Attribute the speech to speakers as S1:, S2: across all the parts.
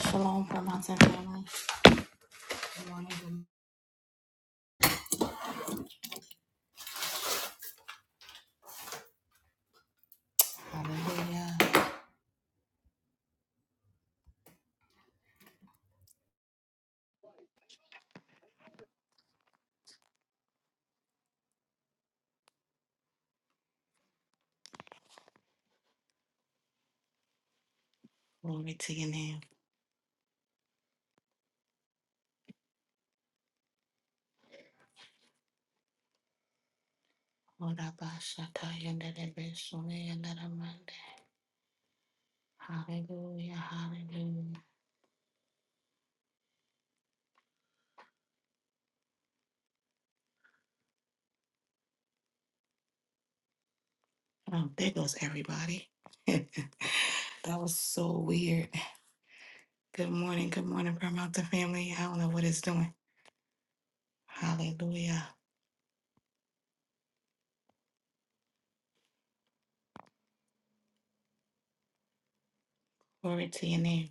S1: Shalom from and family. Good morning. good- Hallelujah. Glory to your name. Lord, Abba, Shaka, Yanda, Debe, Shone, Yanda, Ramande. Hallelujah. Hallelujah. Oh, there goes everybody. that was so weird. Good morning. Good morning, Permata family. I don't know what it's doing. Hallelujah. Glory to your name.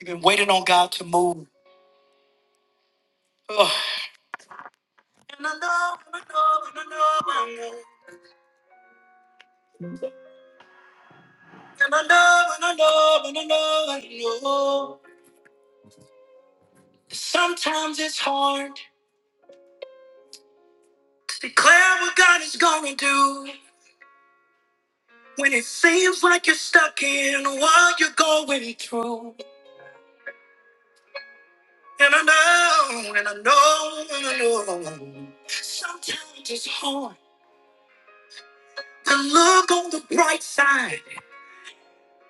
S1: You've been waiting on God to move. Ugh. And I know, and I know, and I know, and I know. And I know, and I know, and I know, and I know. Sometimes it's hard to declare what God is gonna do when it seems like you're stuck in what you're going through. And I know, and I know, and I know. Sometimes it's hard to look on the bright side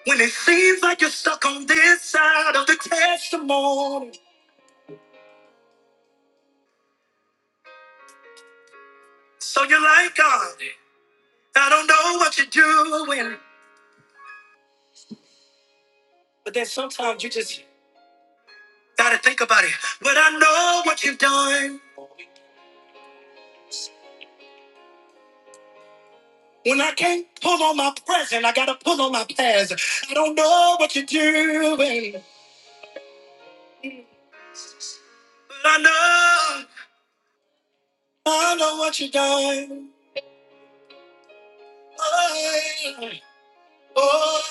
S1: when it seems like you're stuck on this side of the testimony. So you're like, God, I don't know what you're doing. But then sometimes you just gotta think about it. But I know what you've done. When I can't pull on my present, I gotta pull on my past. I don't know what you're doing, but I know, I know what you're doing. Oh, oh,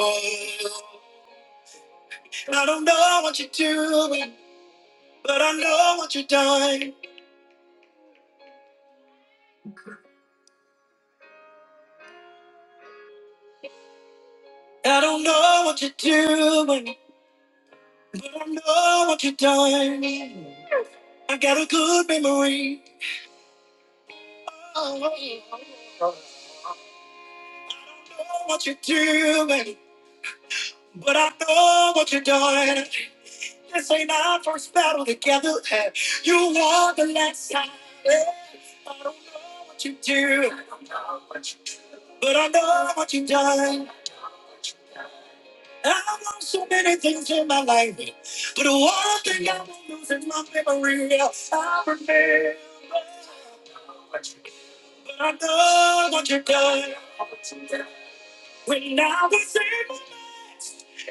S1: oh. I don't know what you're doing, but I know what you're doing. I don't know what you're doing, but I know what you're doing. I got a good memory. Oh, I don't know what you're doing, but I know what you're doing. This ain't our first battle together. eh. You won the last time. eh. I don't know what you do, but I know what you've done. I've lost so many things in my life, but the one thing I won't lose is my memory. I remember, but I know what you've done. When I was in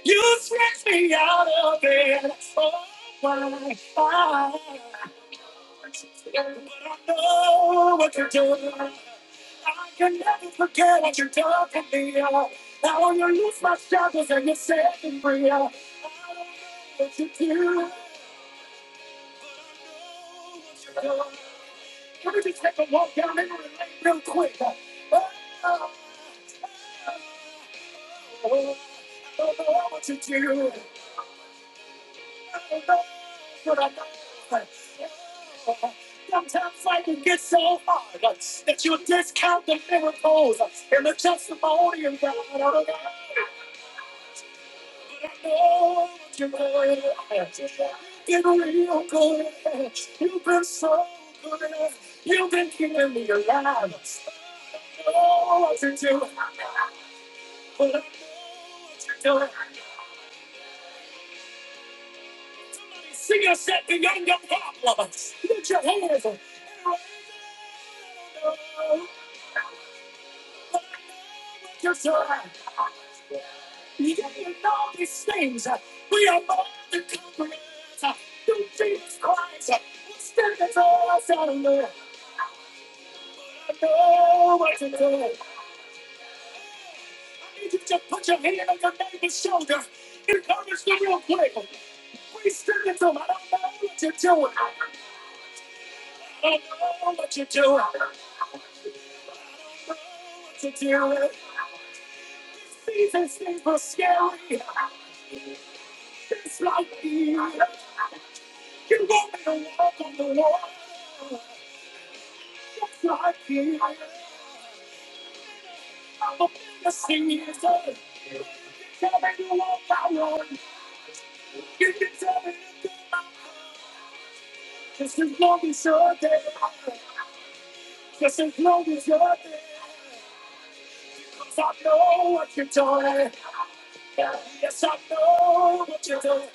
S1: you stretched me out of it. Oh, my God. But I know what you're doing. I can never forget what you're done for me. Now you lose my shackles and you set me free. I don't know what you do. I know what you're doing. Let me just take a walk down memory lane real quick. Oh, I don't know what you do. I don't know. But I know sometimes life can get so hard uh, that you discount the miracles uh, and the testimony of God. Oh, God. But I know that you're real. You've been real good. You've been so good. You've been keeping me alive. I know what you do, but I know what you're doing. Somebody sing us that beyond your problems. Lift your hands. Just to understand, yeah, and all these things we are born to comprehend. Don't be this quiet. Please stand and tell me, I don't know what you're doing. I need you to put your hand on your neighbor's shoulder, encourage them real quick. Please stand and tell me, I don't know what you're doing. I don't know what you're doing. I don't know what you're doing. These things are scary. It's like me. You want me to walk on the water just like you. I'm a bigger sinner. You can tell me you want my love. You can tell me just as long as you're there. Just as long as you're there. 'Cause I know what you're doing. Yes, I know what you're doing.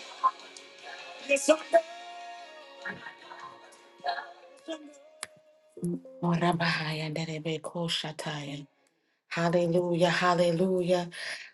S1: Yes, I know. Ora nderebe koshataya. Hallelujah, hallelujah,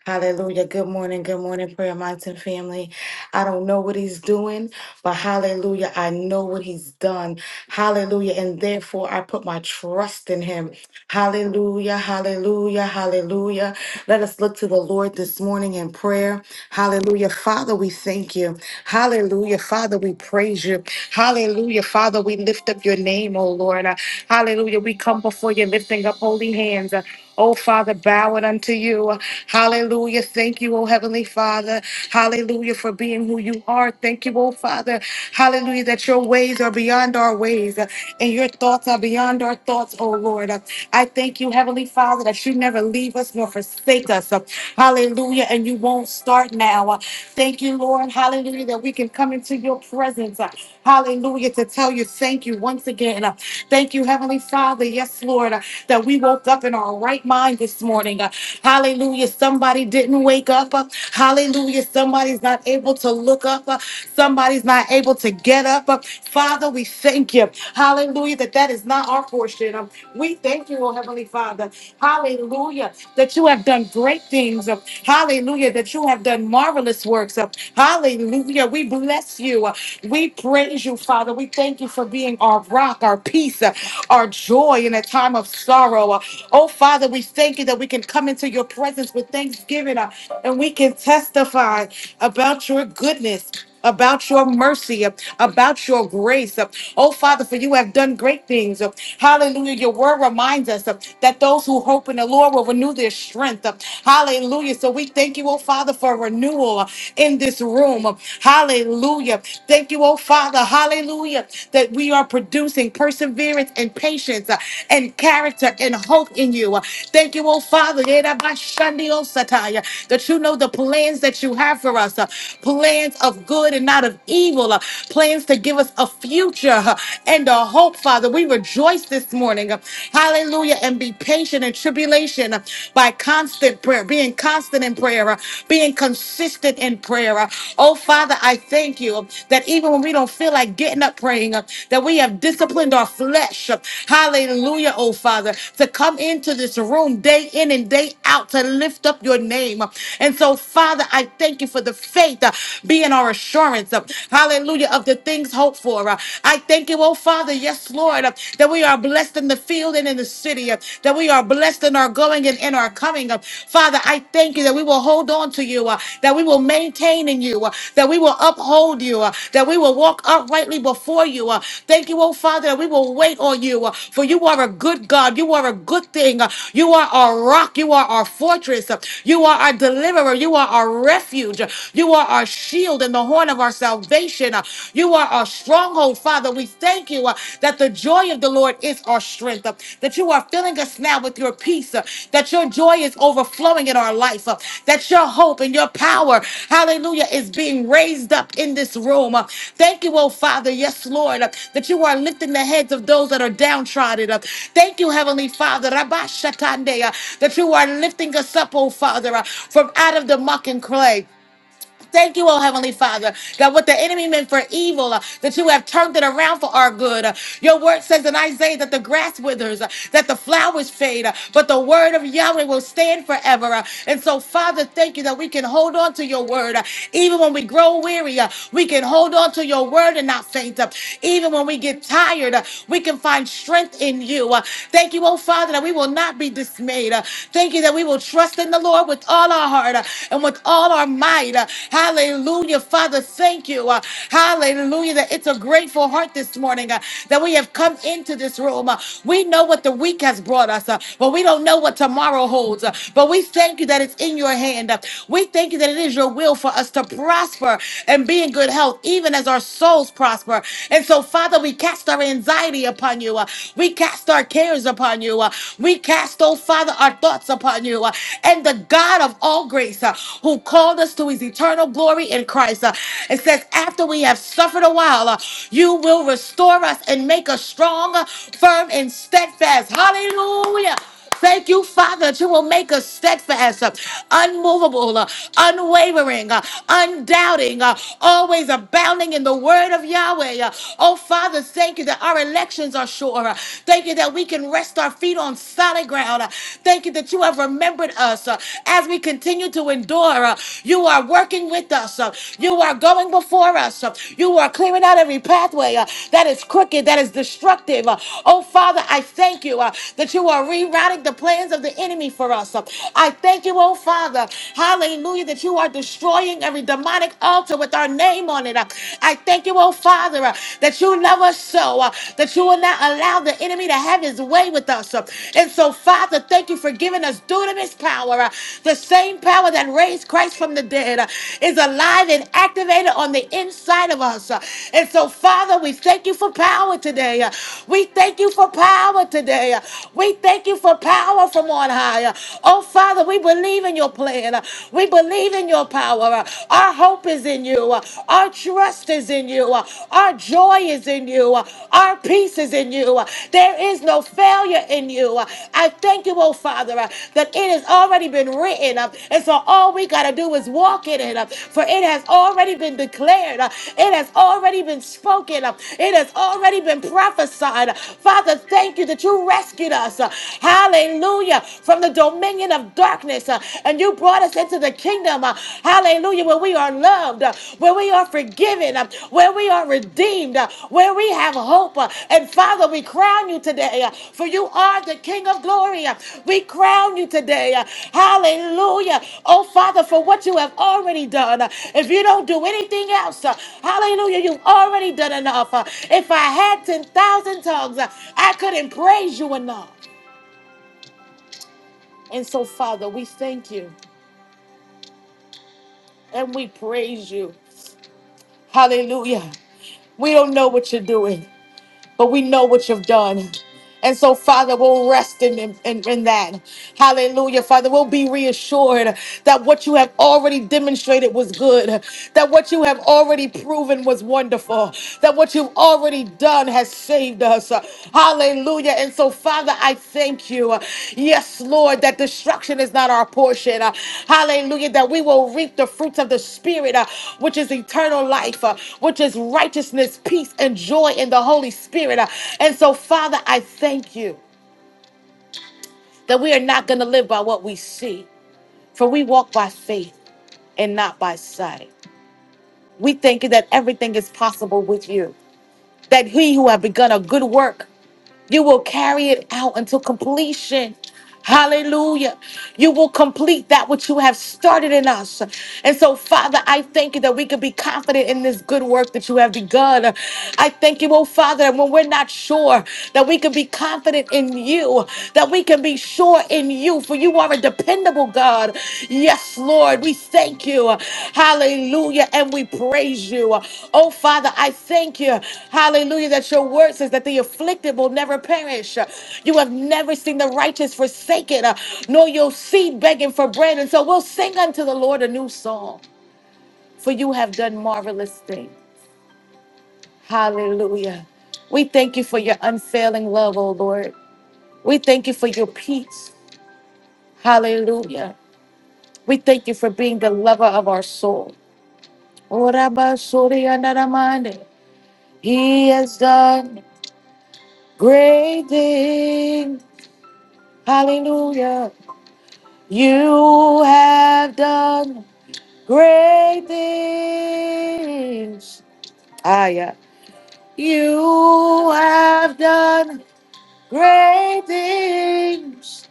S1: hallelujah. Good morning, good morning, Prayer Mountain family. I don't know what he's doing, but hallelujah, I know what he's done. Hallelujah, and therefore I put my trust in him. Hallelujah, hallelujah, hallelujah. Let us look to the Lord this morning in prayer. Hallelujah. Father, we thank you. Hallelujah. Father, we praise you. Hallelujah. Father, we lift up your name, oh Lord. Uh, Hallelujah. We come before you lifting up holy hands. Oh, Father, bow it unto you. Hallelujah. Thank you, oh Heavenly Father. Hallelujah for being who you are. Thank you, oh Father. Hallelujah that your ways are beyond our ways uh, and your thoughts are beyond our thoughts, oh Lord. Uh, I thank you, Heavenly Father, that you never leave us nor forsake us. Uh, Hallelujah. And you won't start now. Uh, Thank you, Lord. Hallelujah that we can come into your presence. Uh, Hallelujah to tell you thank you once again. Uh, Thank you, Heavenly Father. Yes, Lord that we woke up in our right mind this morning. Uh, hallelujah. Somebody didn't wake up. Uh, hallelujah. Somebody's not able to look up. Uh, somebody's not able to get up. Uh, Father, we thank you. Hallelujah. That that is not our portion. Um, we thank you, oh Heavenly Father. Hallelujah that you have done great things. uh, Hallelujah. That you have done marvelous works. uh, Hallelujah. We bless you. uh, We praise you, Father. We thank you for being our rock, our peace, uh, our joy in a time of sorrow. uh, Oh, Father, we thank you that we can come into your presence with thanksgiving uh, and we can testify about your goodness about your mercy, uh, about your grace. uh, Oh, Father, for you have done great things. uh, Hallelujah. Your word reminds us uh, that those who hope in the Lord will renew their strength. uh, Hallelujah. So we thank you, oh, Father, for renewal uh, in this room. uh, Hallelujah. Thank you, oh, Father. Hallelujah. That we are producing perseverance and patience uh, and character and hope in you. uh, Thank you, oh, Father, that you know the plans that you have for us. uh, Plans plans of good and not of evil, uh, plans to give us a future uh, and a hope, Father. We rejoice this morning. uh, Hallelujah. And be patient in tribulation uh, by constant prayer, being constant in prayer, uh, being consistent in prayer. uh. Oh, Father, I thank you uh, that even when we don't feel like getting up praying, uh, that we have disciplined our flesh. uh, Hallelujah, oh Father, to come into this room day in and day out to lift up your name. uh. And so, Father, I thank you for the faith. uh, uh, being our assurance, uh, hallelujah, of the things hoped for. uh. I thank you, oh Father, yes, Lord, uh, that we are blessed in the field and in the city, uh, that we are blessed in our going and in our coming. uh. Father, I thank you that we will hold on to you, uh, that we will maintain in you, uh, that we will uphold you, uh, that we will walk uprightly before you. uh. Thank you, oh Father, that we will wait on you, uh, for you are a good God. You are a good thing. uh, You are our rock. You are our fortress. uh, You are our deliverer. You are our refuge. You are our shield and the horn of our salvation. Uh, You are our stronghold, Father. We thank you uh, that the joy of the Lord is our strength, uh, that you are filling us now with your peace, uh, that your joy is overflowing in our life, uh, that your hope and your power, hallelujah, is being raised up in this room. Uh, Thank you, oh Father, yes, Lord, uh, that you are lifting the heads of those that are downtrodden. uh, Thank you, Heavenly Father, Rabba Shatande, uh, that you are lifting us up, oh Father, uh, from out of the muck and clay. Thank you, oh Heavenly Father. God, what the enemy meant for evil, uh, that you have turned it around for our good. Uh, your word says in Isaiah that the grass withers, uh, that the flowers fade, uh, but the word of Yahweh will stand forever. Uh, and so, Father, thank you that we can hold on to your word. Uh, even when we grow weary, uh, we can hold on to your word and not faint. Uh, even when we get tired, uh, we can find strength in you. Uh, thank you, oh Father, that we will not be dismayed. Uh, thank you that we will trust in the Lord. Lord, with all our heart uh, and with all our might. uh, Hallelujah. Father, thank you. uh, Hallelujah. That it's a grateful heart this morning uh, that we have come into this room. uh, We know what the week has brought us, uh, but we don't know what tomorrow holds. uh, But we thank you that it's in your hand. uh, We thank you that it is your will for us to prosper and be in good health, even as our souls prosper. And so, Father, we cast our anxiety upon you. uh, We cast our cares upon you. uh, we cast, oh Father, our thoughts upon you. uh, And the God of all grace, uh, who called us to his eternal glory in Christ, uh, it says, after we have suffered a while, uh, you will restore us and make us strong, uh, firm, and steadfast. Hallelujah. Thank you, Father, that you will make us steadfast, uh, unmovable, uh, unwavering, uh, undoubting, uh, always abounding in the word of Yahweh. uh. Oh, Father, thank you that our elections are sure. uh. Thank you that we can rest our feet on solid ground. uh. Thank you that you have remembered us uh, as we continue to endure. uh. You are working with us. uh. You are going before us. uh. You are clearing out every pathway uh, that is crooked, that is destructive. uh. Oh, Father, I thank you uh, that you are redirecting rerouting the plans of the enemy for us. I thank you, oh Father. Hallelujah, that you are destroying every demonic altar with our name on it. I thank you, oh Father, uh, that you love us so, uh, that you will not allow the enemy to have his way with us. uh. And so, Father, thank you for giving us dunamis power. uh, The same power that raised Christ from the dead uh, is alive and activated on the inside of us. uh. And so, Father, we thank you for power today. uh. We thank you for power today. uh. We thank Thank you for power from on high. Oh, Father, we believe in your plan. We believe in your power. Our hope is in you. Our trust is in you. Our joy is in you. Our peace is in you. There is no failure in you. I thank you, oh, Father, that it has already been written. And so all we got to do is walk in it. For it has already been declared. It has already been spoken. It has already been prophesied. Father, thank you that you rescued us uh, hallelujah, from the dominion of darkness. uh, And you brought us into the kingdom, uh, hallelujah, where we are loved, uh, where we are forgiven, uh, where we are redeemed, uh, where we have hope. uh, And Father, we crown you today, uh, for you are the King of glory. uh, We crown you today, uh, hallelujah. Oh, Father, for what you have already done. uh, If you don't do anything else, uh, hallelujah, you've already done enough. uh, If I had 10,000 tongues, uh, I couldn't praise you enough. And so, Father, we thank you and we praise you. Hallelujah. We don't know what you're doing, but we know what you've done. And so, Father, we'll rest in, in, in that. Hallelujah. Father, we'll be reassured that what you have already demonstrated was good, that what you have already proven was wonderful, that what you've already done has saved us. Hallelujah. And so, Father, I thank you. Yes, Lord, that destruction is not our portion. Uh, Hallelujah. That we will reap the fruits of the Spirit, uh, which is eternal life, uh, which is righteousness, peace, and joy in the Holy Spirit. Uh, And so, Father, I thank you that we are not going to live by what we see, for we walk by faith and not by sight. We thank you that everything is possible with you, that he who have begun a good work You will carry it out until completion. Hallelujah. You will complete that which you have started in us. And so, Father, I thank you that we can be confident in this good work that you have begun. I thank you, oh Father, that when we're not sure, that we can be confident in you, that we can be sure in you, for you you are a dependable God. Yes, Lord, we thank you. Hallelujah. And we praise you. Oh, Father, I thank you. Hallelujah. That your word says that the afflicted will never perish. You have never seen the righteous forsaken, uh, nor your seed begging for bread. And so we'll sing unto the Lord a new song, for you have done marvelous things. Hallelujah. We thank you for your unfailing love, oh Lord. We thank you for your peace. Hallelujah. We thank you for being the lover of our soul. Oraba sori anaramande. He has done great things. Hallelujah. You have done great things. Ah, yeah. You have done great things.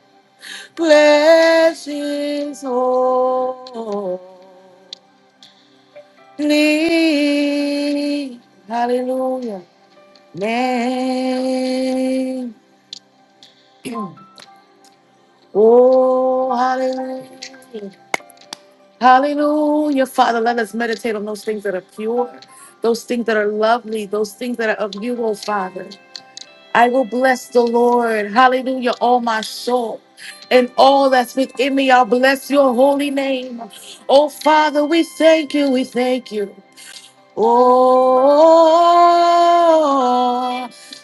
S1: Bless his soul. Lee, hallelujah. Name. Oh, hallelujah. Hallelujah. Father, let us meditate on those things that are pure, those things that are lovely, those things that are of you, oh Father. I will bless the Lord. Hallelujah. All my soul and all that's within me, I'll bless your holy name. Oh, Father, we thank you. We thank you. Oh,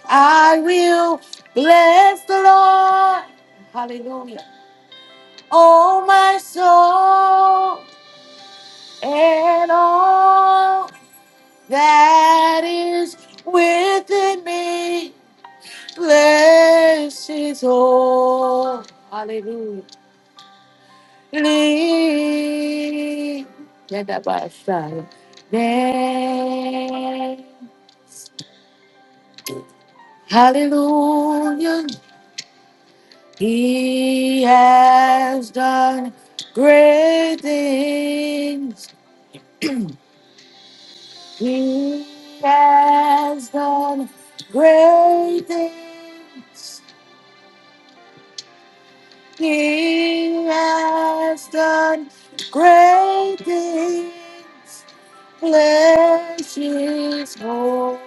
S1: I will bless the Lord. Hallelujah. Oh, my soul and all that is within me. Bless his holy. Hallelujah. Get that by side. Hallelujah. He has done great things. He has done great things. He has done great things. Bless his holy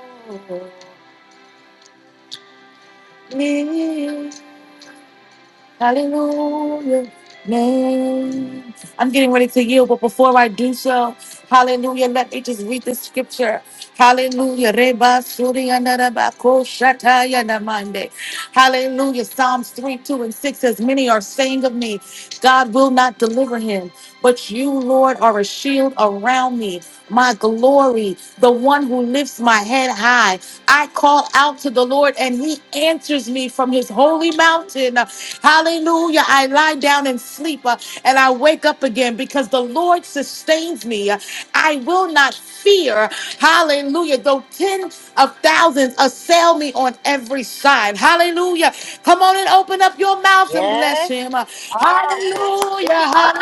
S1: Hallelujah. Name. I'm getting ready to yield, but before I do so, hallelujah, let me just read the scripture. Hallelujah. Reba suri andaraba ko shataya namande. Hallelujah. Psalms 3, 2, and 6 As many are saying of me, God will not deliver him, but you, Lord, are a shield around me, my glory, the one who lifts my head high. I call out to the Lord, and he answers me from his holy mountain. Hallelujah. I lie down and sleep uh, and I wake up again because the Lord sustains me. Uh, I will not fear. Hallelujah. Though tens of thousands assail me on every side. Hallelujah. Come on and open up your mouth and bless
S2: Yes.
S1: him. Uh, Hallelujah.
S2: Hallelujah.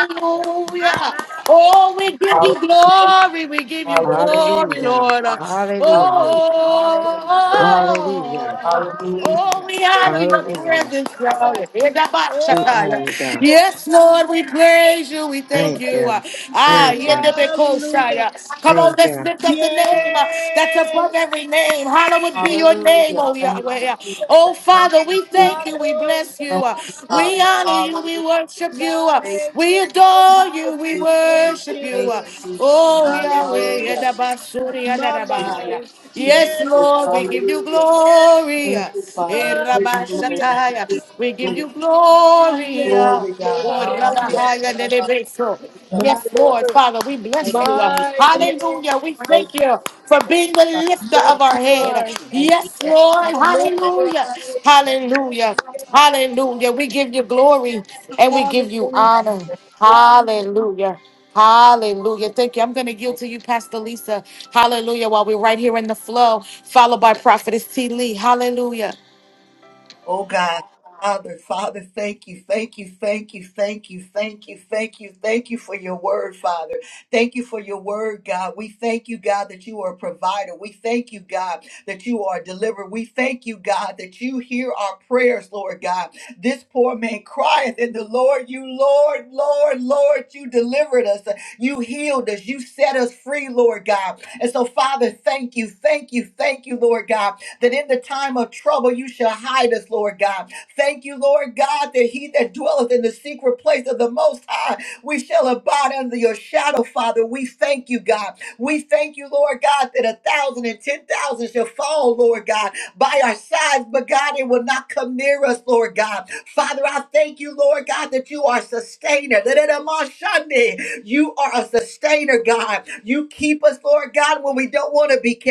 S2: My mind.
S1: Oh, we give you glory.
S2: Yes.
S1: We give you glory,
S3: Hallelujah.
S1: Lord. Uh,
S3: Hallelujah.
S2: we- do. Hallelujah.
S3: Hallelujah.
S1: Oh,
S2: My mind.
S1: Oh, we
S2: We thank
S1: honor
S2: you.
S1: your
S3: Hallelujah.
S1: presence,
S2: My
S1: Lord.
S2: mind.
S3: We honor you,
S1: Yedabashakaya.
S3: God.
S2: Hey,
S1: Yes, Lord, we praise you. We
S2: Lord,
S1: thank
S3: Thank
S1: you.
S3: you.
S2: we thank
S1: Ah,
S2: you.
S3: Thank you.
S2: Hallelujah.
S1: yedabekosaya. Come on,
S3: Thank
S1: let's
S3: you.
S1: lift up the name uh, that's
S2: Yes.
S1: above every name. Hallowed be your name, oh Yahweh.
S2: Hallelujah.
S1: Oh, Father, we thank
S2: My
S1: you. We
S2: Lord.
S1: bless you. Uh, We honor
S2: Hallelujah.
S1: you. We worship you. Uh,
S2: My
S1: We adore
S2: yes.
S1: you. We
S2: We thank
S1: worship
S2: you.
S1: you. Oh, Yahweh,
S2: Hallelujah.
S1: Yadabasuri,
S2: My
S1: Yadabahaya.
S2: mind.
S1: Yes,
S2: Yes,
S1: Lord, we give you glory. Eh,
S2: Lord. Hallelujah.
S1: Rabashataya. We give you
S2: My
S1: glory.
S2: yes,
S1: Oh,
S2: Lord. Hallelujah.
S1: Rabahaya, Nedebeso.
S2: My
S1: Yes, Lord,
S2: Lord.
S1: Father, we bless you.
S2: My yes.
S1: Hallelujah. We thank you for being the lifter
S2: Yes,
S1: of our
S2: you
S1: head.
S2: are.
S1: Yes,
S2: The
S1: Lord.
S2: lifter of
S1: Hallelujah.
S2: my head.
S1: Hallelujah.
S2: Yes.
S1: Hallelujah. We give you glory and we give you
S2: Hallelujah.
S1: honor. Hallelujah. Hallelujah. Thank you. I'm going to yield to you, Pastor Lisa. Hallelujah. While we're right here in the flow, followed by Prophetess T. Lee. Hallelujah.
S4: Oh God, Father, Father, thank you, thank you, thank you, thank you, thank you, thank you, thank you for your word, Father. Thank you for your word, God. We thank you, God, that you are a provider. We thank you, God, that you are a deliverer. We thank you, God, that you hear our prayers, Lord God. This poor man crieth, and the Lord, you, Lord, Lord, Lord, you delivered us. You healed us. You set us free, Lord God. And so, Father, thank you, thank you, thank you, Lord God that in the time of trouble you shall hide us, Lord God. Thank you, Lord God, that he that dwelleth in the secret place of the Most High, we shall abide under your shadow, Father. We thank you, God. We thank you, Lord God, that a thousand and ten thousand shall fall, Lord God, by our sides, but God, it will not come near us, Lord God. Father, I thank you, Lord God, that you are sustainer. You are a sustainer, God. You keep us, Lord God, when we don't want to be kept.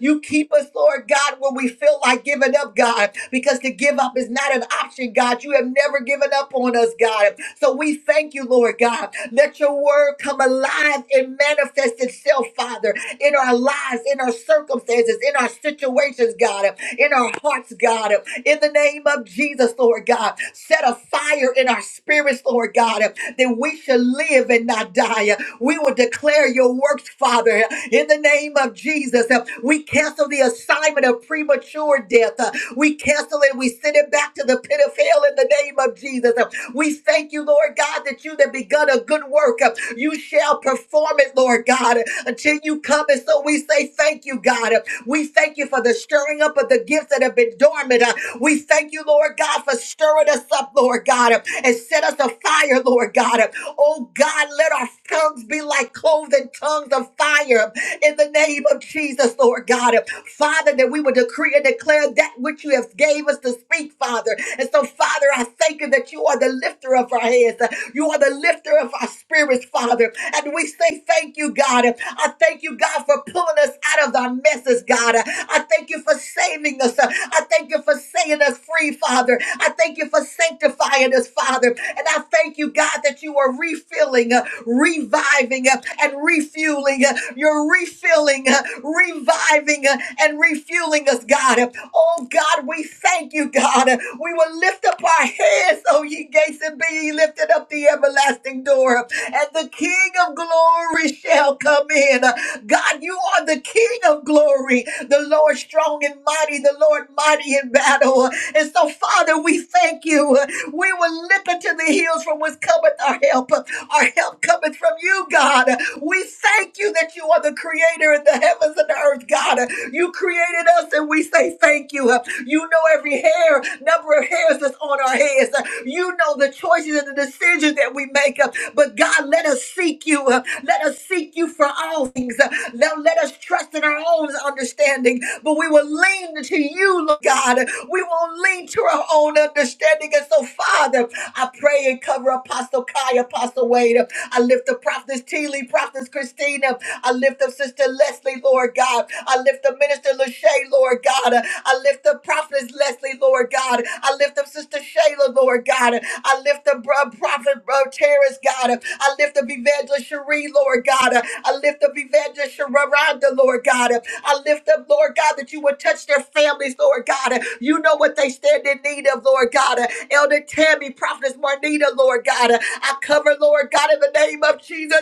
S4: You keep us, Lord God, when we feel like giving up, God, because to give up is not an option, God. You have never given up on us, God. So we thank you, Lord God. Let your word come alive and manifest itself, Father, in our lives, in our circumstances, in our situations, God, in our hearts, God. In the name of Jesus, Lord God, set a fire in our spirits, Lord God that we shall live and not die. We will declare your works, Father, in the name of Jesus. We cancel the assignment of premature death. We cancel it. We send it back to the pit of hell in the name of Jesus. We thank you, Lord God, that you that begun a good work, you shall perform it, Lord God, until you come. And so we say thank you, God. We thank you for the stirring up of the gifts that have been dormant. We thank you, Lord God, for stirring us up, Lord God and set us afire, Lord God. Oh God, let our tongues be like cloven tongues of fire in the name of Jesus, Lord God. Father, that we would decree and declare that which you have gave us to speak, Father. And so, Father, I thank you that you are the lifter of our heads. You are the lifter of our spirits, Father. And we say thank you, God. I thank you, God, for pulling us out of our messes, God. I thank you for saving us. I thank you for setting us free, Father. I thank you for sanctifying us, Father. And I thank you, God, that you are refilling, uh, reviving, uh, and refueling. uh, You're refilling, uh, reviving, uh, and refueling us, God. Oh, God, we thank you, God. We will lift up our heads, oh, ye gates, and be ye lifted up the everlasting door. And the King of glory shall come in. God, you are the King of glory. The Lord strong and mighty, the Lord mighty in battle. And so, Father, we thank you. We will look unto the hills from whence cometh our help. Our help cometh from you, God. We thank you that you are the creator of the heavens and the earth, God. You created us, and we say thank you. You know every hair, number of hairs that's on our heads. You know the choices and the decisions that we make. But God, let us seek you. Uh, Let us seek you for all things. Uh, Now let us trust in our own understanding, but we will lean to you, Lord God. We won't lean to our own understanding. And so, Father, I pray and cover Apostle Kai, Apostle Wade. I lift up Prophetess Teeley, Prophetess Christina. I lift up Sister Leslie, Lord God. I lift up Minister Lachey, Lord God. I lift up Prophetess Leslie, Lord God. I lift up Sister Shayla, Lord God. I lift up uh, Prophet uh, Terrence, God. I lift up Evangelist Cherie, Lord God. I lift up Evangelist Sharonda, Lord God. I lift up, Lord God, that you would touch their families, Lord God. You know what they stand in need of, Lord God. Elder Tammy, Prophetess Marnita, Lord God. I cover, Lord God, in the name of Jesus.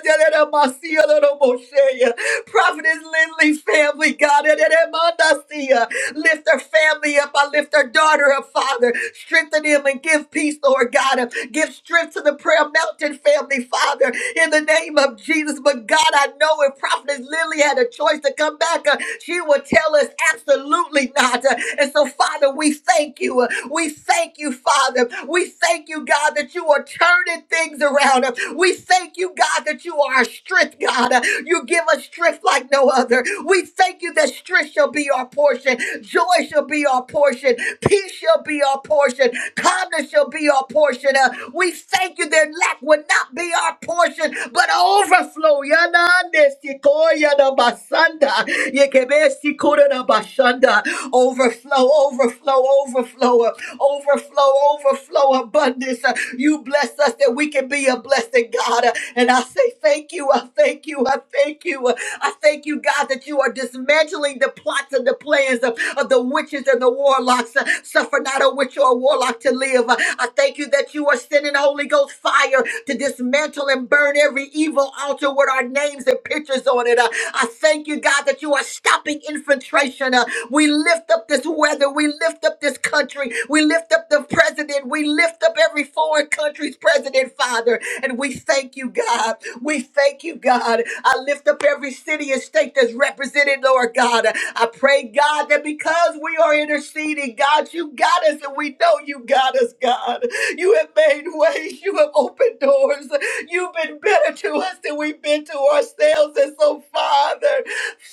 S4: Prophetess Lindley family, God. Lift her family up. I lift her daughter up, Father. Strengthen him and give peace, Lord God. Give strength to the Prayer Mountain family, Father, in the name of Jesus. But God, I know if Prophetess Lily had a choice to come back, uh, she would tell us absolutely not. Uh, and so, Father, we thank you. Uh, we thank you, Father. We thank you, God, that you are turning things around. Uh, we thank you, God, that you are our strength, God. Uh, you give us strength like no other. We thank you that strength shall be our portion, joy shall be our portion, peace shall be our portion, calmness shall be our portion. Uh, we thank you that lack will not be our portion, but overflow. Yanande sikoya da basanda. Yekebe sikura da bashanda. Overflow, overflow, overflow overflow, overflow, abundance. Uh, You bless us that we can be a blessing, God. Uh, And I say thank you. I thank you. I thank you. I thank you, God, that you are dismantling the plots and the plans of, of the witches and the warlocks. Uh, Suffer not a witch or a warlock to live. Uh, I thank you that you are sending Holy Ghost fire to dismantle and burn every evil altar with our names and pictures on it. Uh, I thank you, God, that you are stopping infiltration. Uh, we lift up this weather. We lift up this country. We lift up the president. We lift up every foreign country's president, Father. And we thank you, God. We thank you, God. I lift up every city and state that's represented, Lord God. I pray, God, that because we are interceding, God, you got us and we know you got us, God. You have made ways, you have opened doors. You've been better to us than we've been to ourselves. And so, Father,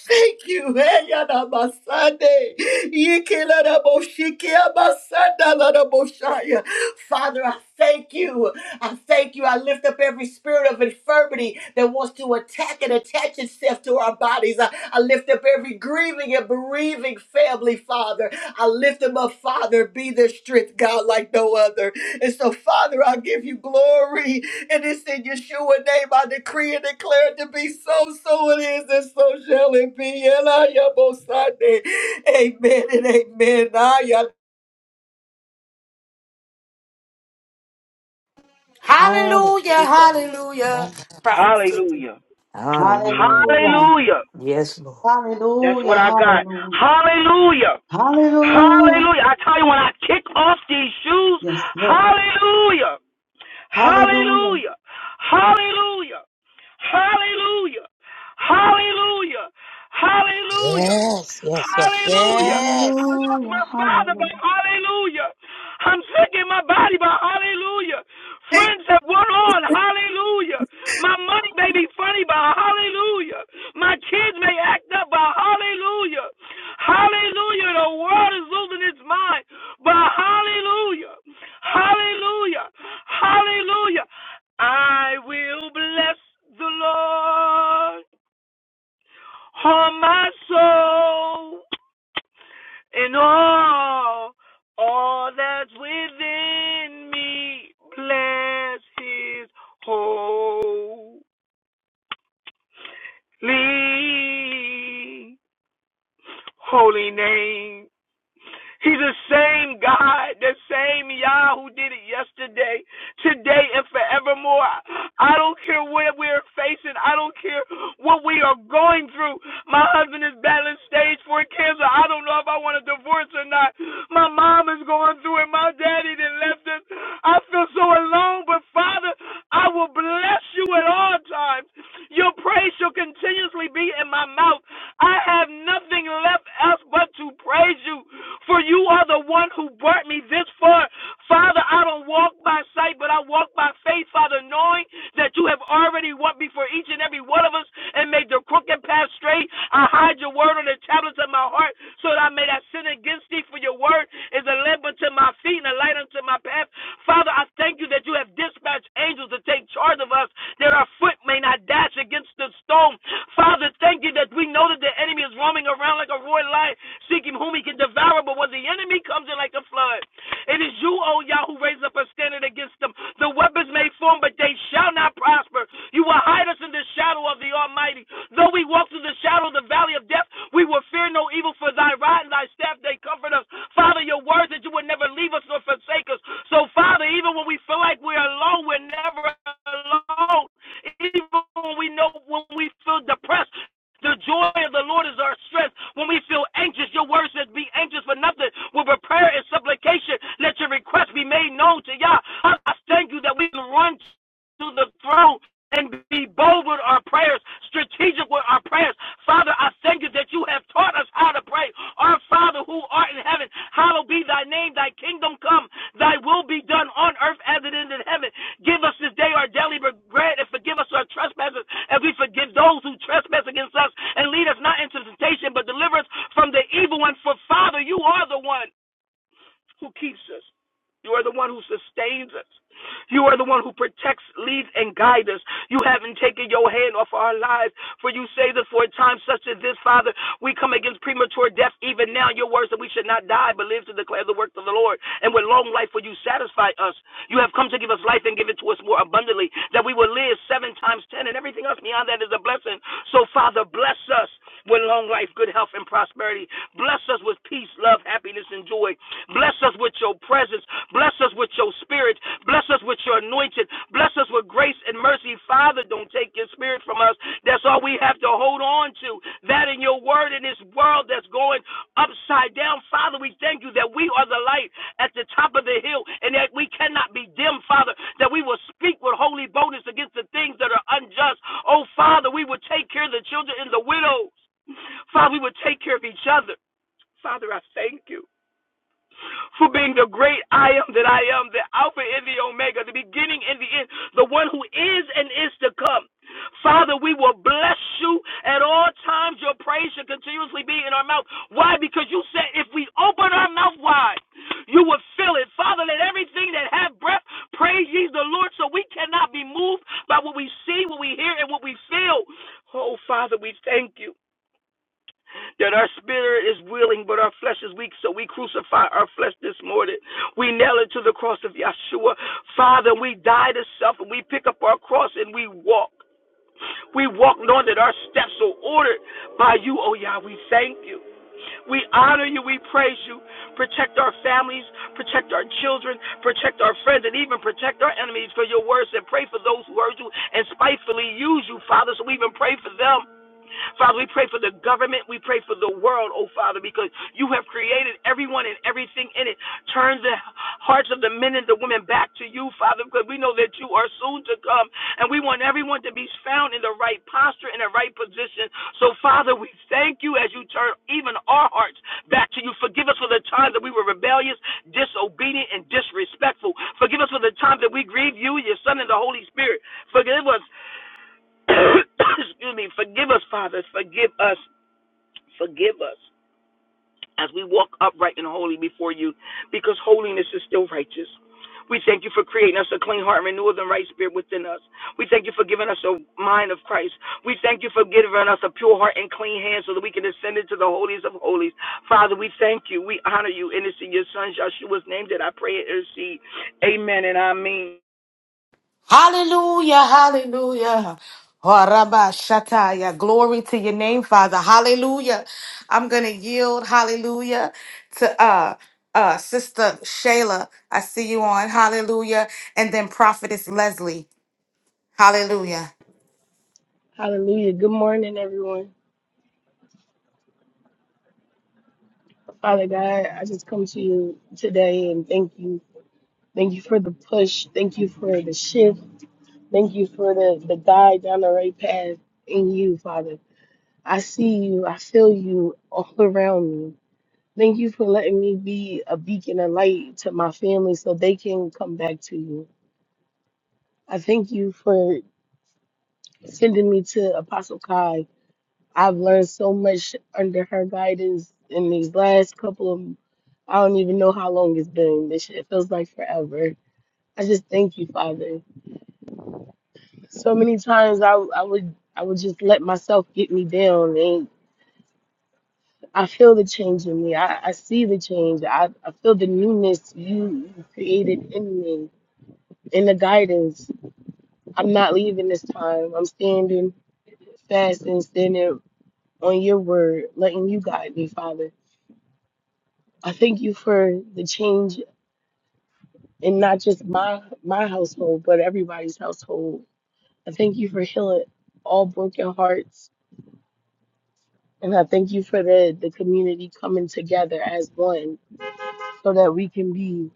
S4: thank you. Hey, yada basande. Yiki lada boshiki abasanda lada boshaya. Father, I thank you. I thank you. I lift up every spirit of infirmity that wants to attack and attach itself to our bodies. I, I lift up every grieving and bereaving family, Father. I lift them up, Father. Be their strength, God, like no other. And so, Father, I give you glory. And it's in Yeshua name I decree and declare it to be so. So it is, and so shall it be. Amen and amen. I
S1: Hallelujah.
S2: Hallelujah.
S1: Hallelujah.
S2: My,
S1: Prophet.
S5: Hallelujah.
S6: Hallelujah.
S7: Hallelujah.
S5: Hallelujah.
S6: Yes, Lord.
S5: That's what
S7: Hallelujah.
S5: I got.
S7: Hallelujah.
S5: Hallelujah.
S7: Hallelujah.
S5: Hallelujah. I tell you, when I kick off these shoes,
S7: Yes, Lord.
S5: hallelujah.
S7: Hallelujah.
S5: Hallelujah. Hallelujah. Hallelujah. Hallelujah. Hallelujah.
S2: yes, yes, yes,
S5: Hallelujah. I
S2: yes.
S5: lost
S7: Hallelujah.
S5: my father, but
S7: Hallelujah.
S5: hallelujah. I'm sick in my body, but hallelujah. Friends have went on, hallelujah. My money may be funny, but hallelujah. My kids may act up, but hallelujah. Hallelujah. The world is losing its mind, but hallelujah. Hallelujah. Hallelujah. I will bless the Lord on my soul and all, all that's within me. Bless his holy, holy name. He's the same God, the same Yah who did it yesterday, today, and forevermore. I don't care what we're facing. I don't care what we are going through. My husband is battling stage four cancer. I don't know if I want a divorce or not. My mom is going through it. My daddy didn't left us. I feel so alone, but Father, I will bless you at all times. Your praise shall continuously be in my mouth. I have nothing left else but to praise you, for you are the one who brought me this far. Father, I don't walk by sight, but I walk by faith, Father, knowing that you have already walked before each and every one of us and made the crooked path straight. I hide your word on the tablets of my heart so that I may not sin against thee, for your word is a lamp unto my feet and a light unto my path. Father, I thank you that you have dispatched angels to take charge of us that our foot may not dash against the stone. Father, thank you that we know that the enemy is roaming around like a roaring lion, seeking whom he can devour, but when the enemy comes in like a flood, it is you, O Yah, who raise up a standard against them. The weapons may form, but they shall not prosper. You will hide us in the shadow of the Almighty. Though we walk through the shadow of the valley of death, we will fear no evil, for thy rod and thy staff, they comfort us. Father, your word that you would never leave us nor forsake us. So, Father, even when we feel like we're alone, we're never alone. Even when we know when we feel depressed, the joy of the Lord is our strength. When we feel anxious, your word says, be anxious for nothing. With prayer and supplication, let your request be made known to Yah. I thank you that we can run to the throne and be bold with our prayers, strategic with our prayers. Father, I thank you that you have taught us how to pray. Our Father who art in heaven, hallowed be thy name, thy kingdom come, thy will be done on earth as it is in heaven. Give us this day our daily bread and forgive us our trespasses as we forgive those who trespass against us. And lead us not into temptation, but deliver us from the evil one. For Father, you are the one who keeps us. You are the one who sustains us. You are the one who protects, leads, and guides us. You haven't taken your hand off our lives. For you say that for a time such as this, Father, we come against premature death even now. Your words that we should not die, but live to declare the works of the Lord. And with long life will you satisfy us. You have come to give us life and give it to us more abundantly, that we will live seven times ten, and everything else beyond that is a blessing. So, Father, bless us with long life, good health, and prosperity. Bless us with peace, love, happiness, and joy. Bless us with your presence. Bless us with your spirit. Bless us with your anointing. Bless us with grace and mercy. Father, don't take your spirit from us. That's all we have to hold on to. That in your word in this world that's going upside down. Father, we thank you that we are the light at the top of the hill and that we cannot be dim, Father, that we will speak with holy boldness against the things that are unjust. Oh, Father, we will take care of the children and the widows. Father, we will take care of each other. Father, I thank you for being the great I am that I am, the Alpha and the Omega, the beginning and the end, the one who is and is to come. Father, we will bless you at all times. Your praise should continuously be in our mouth. Why? Because you said if we open our mouth wide, you will fill it. Father, let everything that have breath praise ye the Lord so we cannot be moved by what we see, what we hear, and what we feel. Oh, Father, we thank you that our spirit is willing, but our flesh is weak. So we crucify our flesh this morning. We nail it to the cross of Yeshua. Father, we die to self and we pick up our cross and we walk. We walk knowing that our steps are ordered by you, oh Yah. We thank you. We honor you. We praise you. Protect our families, protect our children, protect our friends, and even protect our enemies for your words and pray for those who hurt you and spitefully use you, Father. So we even pray for them. Father, we pray for the government. We pray for the world, oh Father, because you have created everyone and everything in it. Turn the hearts of the men and the women back to you, Father, because we know that you are soon to come. And we want everyone to be found in the right posture, in the right position. So, Father, we thank you as you turn even our hearts back to you. Forgive us for the times that we were rebellious, disobedient, and disrespectful. Forgive us for the times that we grieved you, your Son, and the Holy Spirit. Forgive us Excuse me. Forgive us, Father. Forgive us. Forgive us as we walk upright and holy before you because holiness is still righteous. We thank you for creating us a clean heart and renewing the right spirit within us. We thank you for giving us a mind of Christ. We thank you for giving us a pure heart and clean hands so that we can ascend into the holies of holies. Father, we thank you. We honor you. And it's in your son Joshua's name that I pray and intercede. Amen and I mean.
S1: Hallelujah, hallelujah. Oh, Rabba Shataya, glory to your name, Father. Hallelujah. I'm gonna yield, hallelujah, to uh uh Sister Shayla. I see you on, hallelujah, and then Prophetess Leslie. Hallelujah.
S8: Hallelujah. Good morning, everyone. Father God, I just come to you today and thank you. Thank you for the push. Thank you for the shift. Thank you for the, the guide down the right path in you, Father. I see you. I feel you all around me. Thank you for letting me be a beacon of light to my family so they can come back to you. I thank you for sending me to Apostle Kai I've learned so much under her guidance in these last couple of, I don't even know how long it's been. This shit it feels like forever. I just thank you, Father. So many times I, I would I would just let myself get me down, and I feel the change in me. I, I see the change. I, I feel the newness you created in me, in the guidance. I'm not leaving this time. I'm standing fast and standing on your word, letting you guide me, Father. I thank you for the change in not just my my household, but everybody's household. I thank you for healing all broken hearts, and I thank you for the the community coming together as one, so that we can be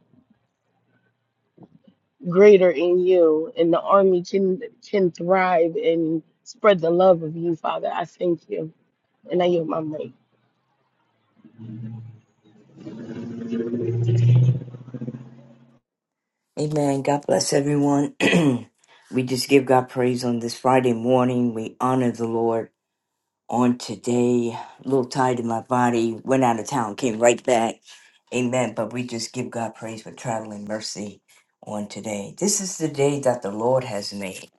S8: greater in you, and the army can can thrive and spread the love of you, Father. I thank you, and I yield my mic.
S6: Amen. God bless everyone. we just give God praise on this Friday morning. We honor the Lord on today. A little tired in my body. Went out of town, came right back. Amen. But we just give God praise for traveling mercy on today. This is the day that the Lord has made.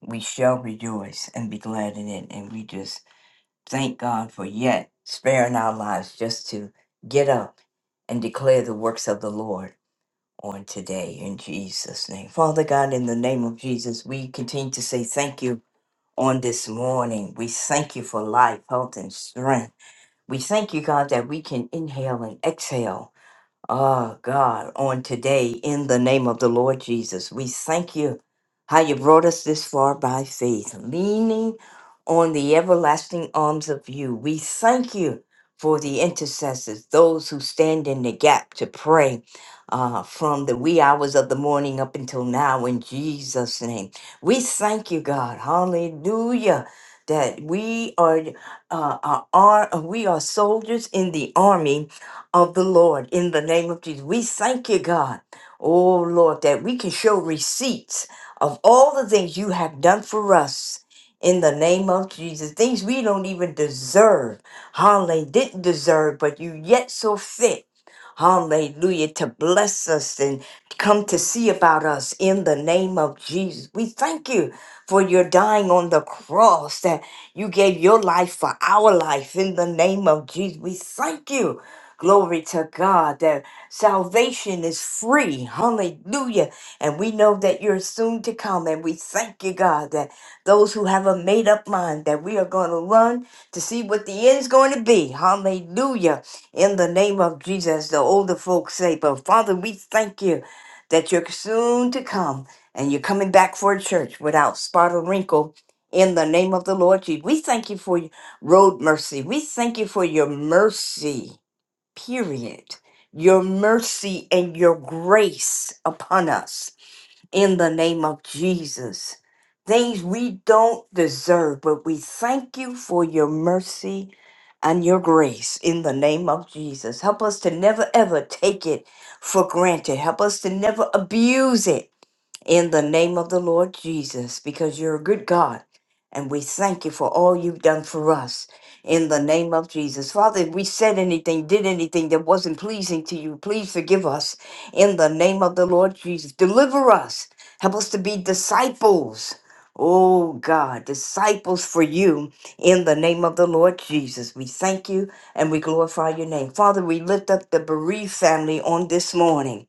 S6: We shall rejoice and be glad in it. And we just thank God for yet sparing our lives just to get up and declare the works of the Lord. on today in Jesus' name. Father God, in the name of Jesus, we continue to say thank you on this morning. We thank you for life, health, and strength. We thank you, God, that we can inhale and exhale Ah, God, on today, in the name of the Lord Jesus, we thank you how you brought us this far by faith, leaning on the everlasting arms of you. We thank you for the intercessors, those who stand in the gap to pray uh, from the wee hours of the morning up until now, in Jesus' name. We thank you, God. Hallelujah. That we are, uh, are, are we are soldiers in the army of the Lord in the name of Jesus. We thank you, God. Oh, Lord, that we can show receipts of all the things you have done for us in the name of Jesus. Things we don't even deserve. Hallelujah. Didn't deserve, but you yet so fit. Hallelujah. To bless us and come to see about us in the name of Jesus. We thank you for your dying on the cross, that you gave your life for our life in the name of Jesus. We thank you Glory to God that salvation is free. Hallelujah. And we know that you're soon to come. And we thank you, God, that those who have a made up mind that we are going to run to see what the end's going to be. Hallelujah. In the name of Jesus, the older folks say, but Father, we thank you that you're soon to come and you're coming back for a church without spot or wrinkle. In the name of the Lord Jesus, we thank you for your road mercy. We thank you for your mercy period. Your mercy and your grace upon us in the name of Jesus. Things we don't deserve, but we thank you for your mercy and your grace in the name of Jesus. Help us to never ever take it for granted. Help us to never abuse it in the name of the Lord Jesus, because you're a good God. And we thank you for all you've done for us in the name of Jesus. Father, if we said anything, did anything that wasn't pleasing to you, please forgive us in the name of the Lord Jesus. Deliver us. Help us to be disciples. Oh God, disciples for you in the name of the Lord Jesus. We thank you and we glorify your name. Father, we lift up the bereaved family on this morning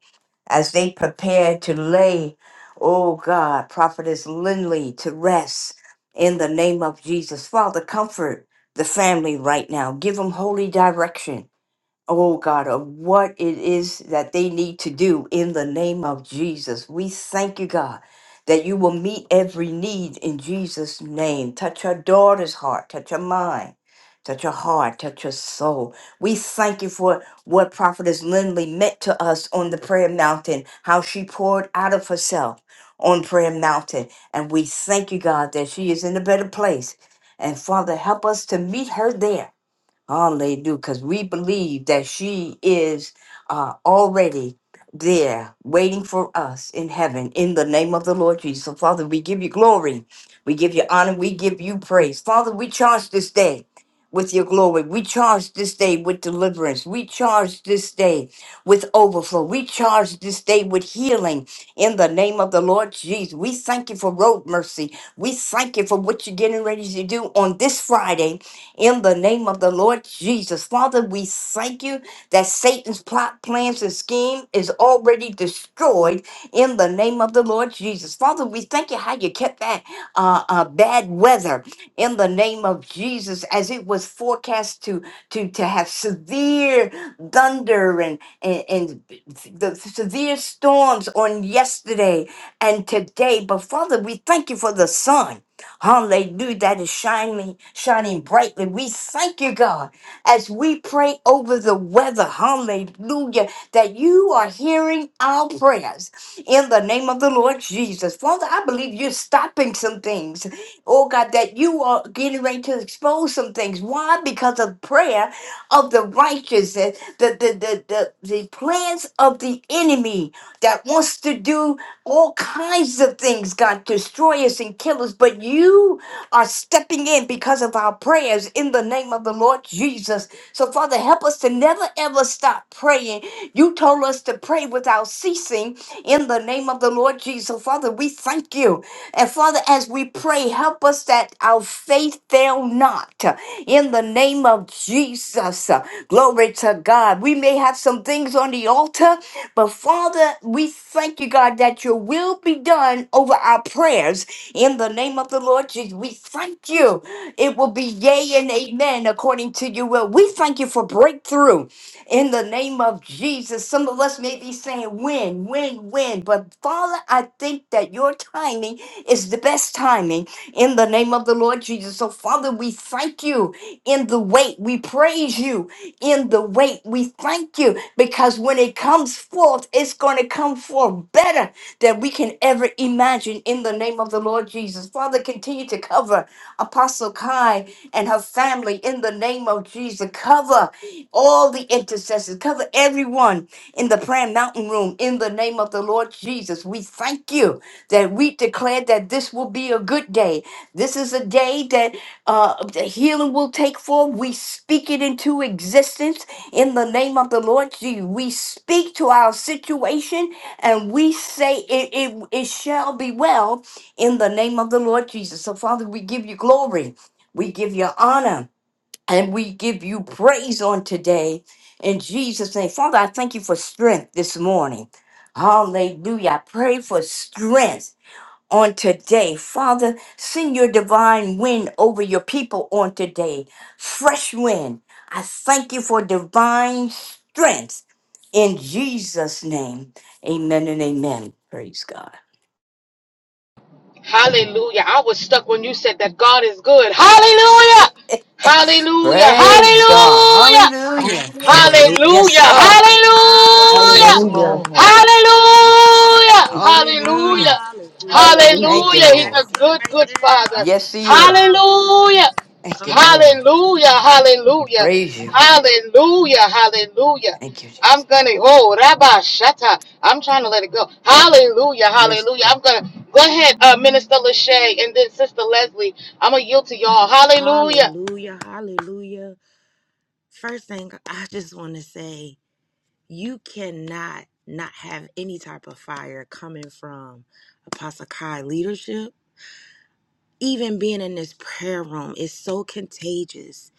S6: as they prepare to lay Oh God, Prophetess Lindley to rest in the name of Jesus. Father, comfort the family right now. Give them holy direction oh God, of what it is that they need to do in the name of Jesus. We thank you, God, that you will meet every need in Jesus' name. Touch your daughter's heart, touch her mind. Touch her heart, touch her soul. We thank you for what Prophetess Lindley meant to us on the prayer mountain, how she poured out of herself on prayer mountain. And we thank you, God, that she is in a better place. And Father, help us to meet her there Hallelujah. Because we believe that she is uh, already there waiting for us in heaven in the name of the Lord Jesus. So, Father, we give you glory. We give you honor. We give you praise. Father, we charge this day with your glory. We charge this day with deliverance. We charge this day with overflow. We charge this day with healing in the name of the Lord Jesus. We thank you for road mercy. We thank you for what you're getting ready to do on this Friday in the name of the Lord Jesus. Father, we thank you that Satan's plot, plans, and scheme is already destroyed in the name of the Lord Jesus. Father, we thank you how you kept that uh, uh, bad weather in the name of Jesus as it was forecast to, to, to have severe thunder and, and, and the severe storms on yesterday and today. But Father, we thank you for the sun. Hallelujah. That is shining, shining brightly. We thank you, God, as we pray over the weather. Hallelujah. That you are hearing our prayers in the name of the Lord Jesus. Father, I believe you're stopping some things. Oh God, that you are getting ready to expose some things. Why? Because of prayer of the righteous, the the the the, the, the plans of the enemy that wants to do all kinds of things, God, destroy us and kill us, but you are stepping in because of our prayers in the name of the Lord Jesus. So, Father, help us to never ever stop praying. You told us to pray without ceasing in the name of the Lord Jesus. So, Father, we thank you. And Father, as we pray, help us that our faith fail not in the name of Jesus. Glory to God. We may have some things on the altar. But Father, we thank you, God, that your will be done over our prayers in the name of the Lord Jesus. We thank you. It will be yea and amen according to your will. We thank you for breakthrough in the name of Jesus. Some of us may be saying, when, when, when. But Father, I think that your timing is the best timing in the name of the Lord Jesus. So, Father, we thank you in the wait. We praise you in the wait. We thank you because when it comes forth, it's going to come forth better than we can ever imagine in the name of the Lord Jesus. Father, continue to cover Apostle Kai and her family in the name of Jesus. Cover all the intercessors, cover everyone in the prayer mountain room in the name of the Lord Jesus. We thank you that we declare that this will be a good day. This is a day that uh, the healing will take form. We speak it into existence in the name of the Lord. Jesus. We speak to our situation and we say it, it, it shall be well in the name of the Lord Jesus. So, Father, we give you glory, we give you honor, and we give you praise on today in Jesus' name. Father, I thank you for strength this morning. Hallelujah. I pray for strength on today. Father, send your divine wind over your people on today. Fresh wind. I thank you for divine strength in Jesus' name. Amen and amen. Praise God.
S1: Hallelujah. I was stuck when you said that God is good. Hallelujah. Hallelujah.
S6: Praise God.
S1: Hallelujah.
S6: Hallelujah.
S7: Hallelujah.
S2: Hallelujah.
S6: Yes,
S1: Hallelujah.
S6: sir.
S1: Hallelujah.
S6: Yes,
S2: Hallelujah.
S8: Hallelujah.
S6: Lord.
S1: Hallelujah.
S8: Thank you.
S1: Hallelujah.
S6: Hallelujah.
S2: Hallelujah.
S8: Hallelujah.
S6: Thank you,
S1: Hallelujah. He's a
S6: Lord.
S2: That's it
S1: good,
S2: right
S1: good
S2: there.
S1: father.
S6: Yes, He is.
S2: Hallelujah.
S1: Hallelujah.
S6: Thank
S2: Come
S6: you,
S2: on.
S6: Lord.
S1: Hallelujah.
S6: We
S1: Hallelujah.
S6: praise you.
S1: Hallelujah. Hallelujah.
S6: Thank you,
S1: I'm
S6: Jesus.
S1: gonna oh Rabbi Shata. I'm trying to let it go. Hallelujah,
S6: Yes,
S1: hallelujah. I'm
S6: Lord.
S1: gonna go ahead, uh, Minister Lachey and then Sister Leslie. I'm gonna yield to y'all. Hallelujah.
S2: Hallelujah. Hallelujah. First thing I just want to say, you cannot not have any type of fire coming from Apostle Kai leadership even being in this prayer room is so contagious.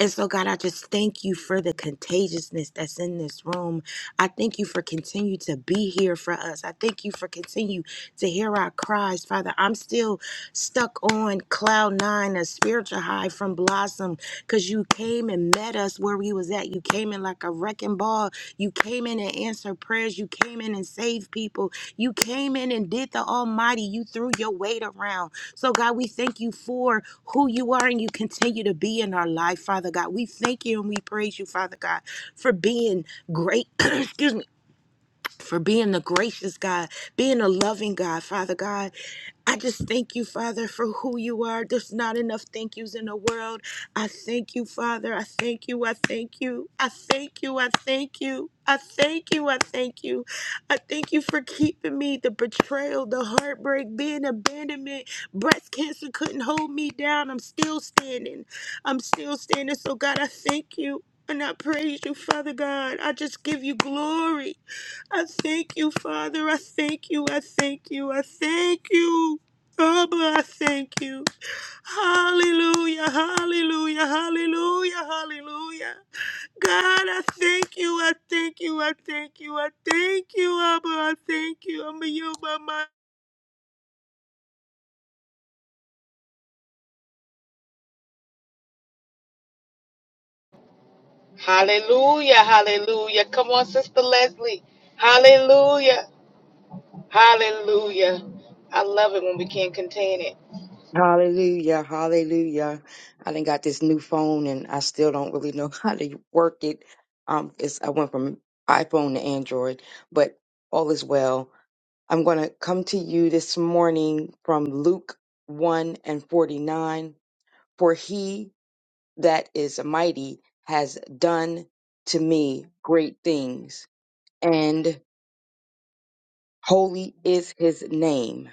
S2: And so, God, I just thank you for the contagiousness that's in this room. I thank you for continue to be here for us. I thank you for continue to hear our cries, Father. I'm still stuck on cloud nine, a spiritual high from Blossom, because you came and met us where we was at. You came in like a wrecking ball. You came in and answered prayers. You came in and saved people. You came in and did the Almighty. You threw your weight around. So, God, we thank you for who you are and you continue to be in our life, Father God. We thank you and we praise you, Father God, for being great, excuse me, for being the gracious God, being a loving God, Father God. I just thank you, Father, for who you are. There's not enough thank yous in the world. I thank you, Father. I thank you. I thank you. I thank you. I thank you. I thank you. I thank you. I thank you for keeping me. The betrayal, the heartbreak, being abandonment, breast cancer couldn't hold me down. I'm still standing. I'm still standing. So, God, I thank you. And I praise you, Father God. I just give you glory. I thank you, Father. I thank you. I thank you. I thank you. Abba, I thank you. Hallelujah, hallelujah, hallelujah, hallelujah. God, I thank you, I thank you, I thank you, I thank you, Abba, I thank you. I'm a you, Mama.
S3: Hallelujah. Hallelujah. I done got this new phone and I still don't really know how to work it. Um, it's, I went from iPhone to Android, but all is well. I'm going to come to you this morning from Luke 1 and 49. For He that is mighty has done to me great things, and holy is his name.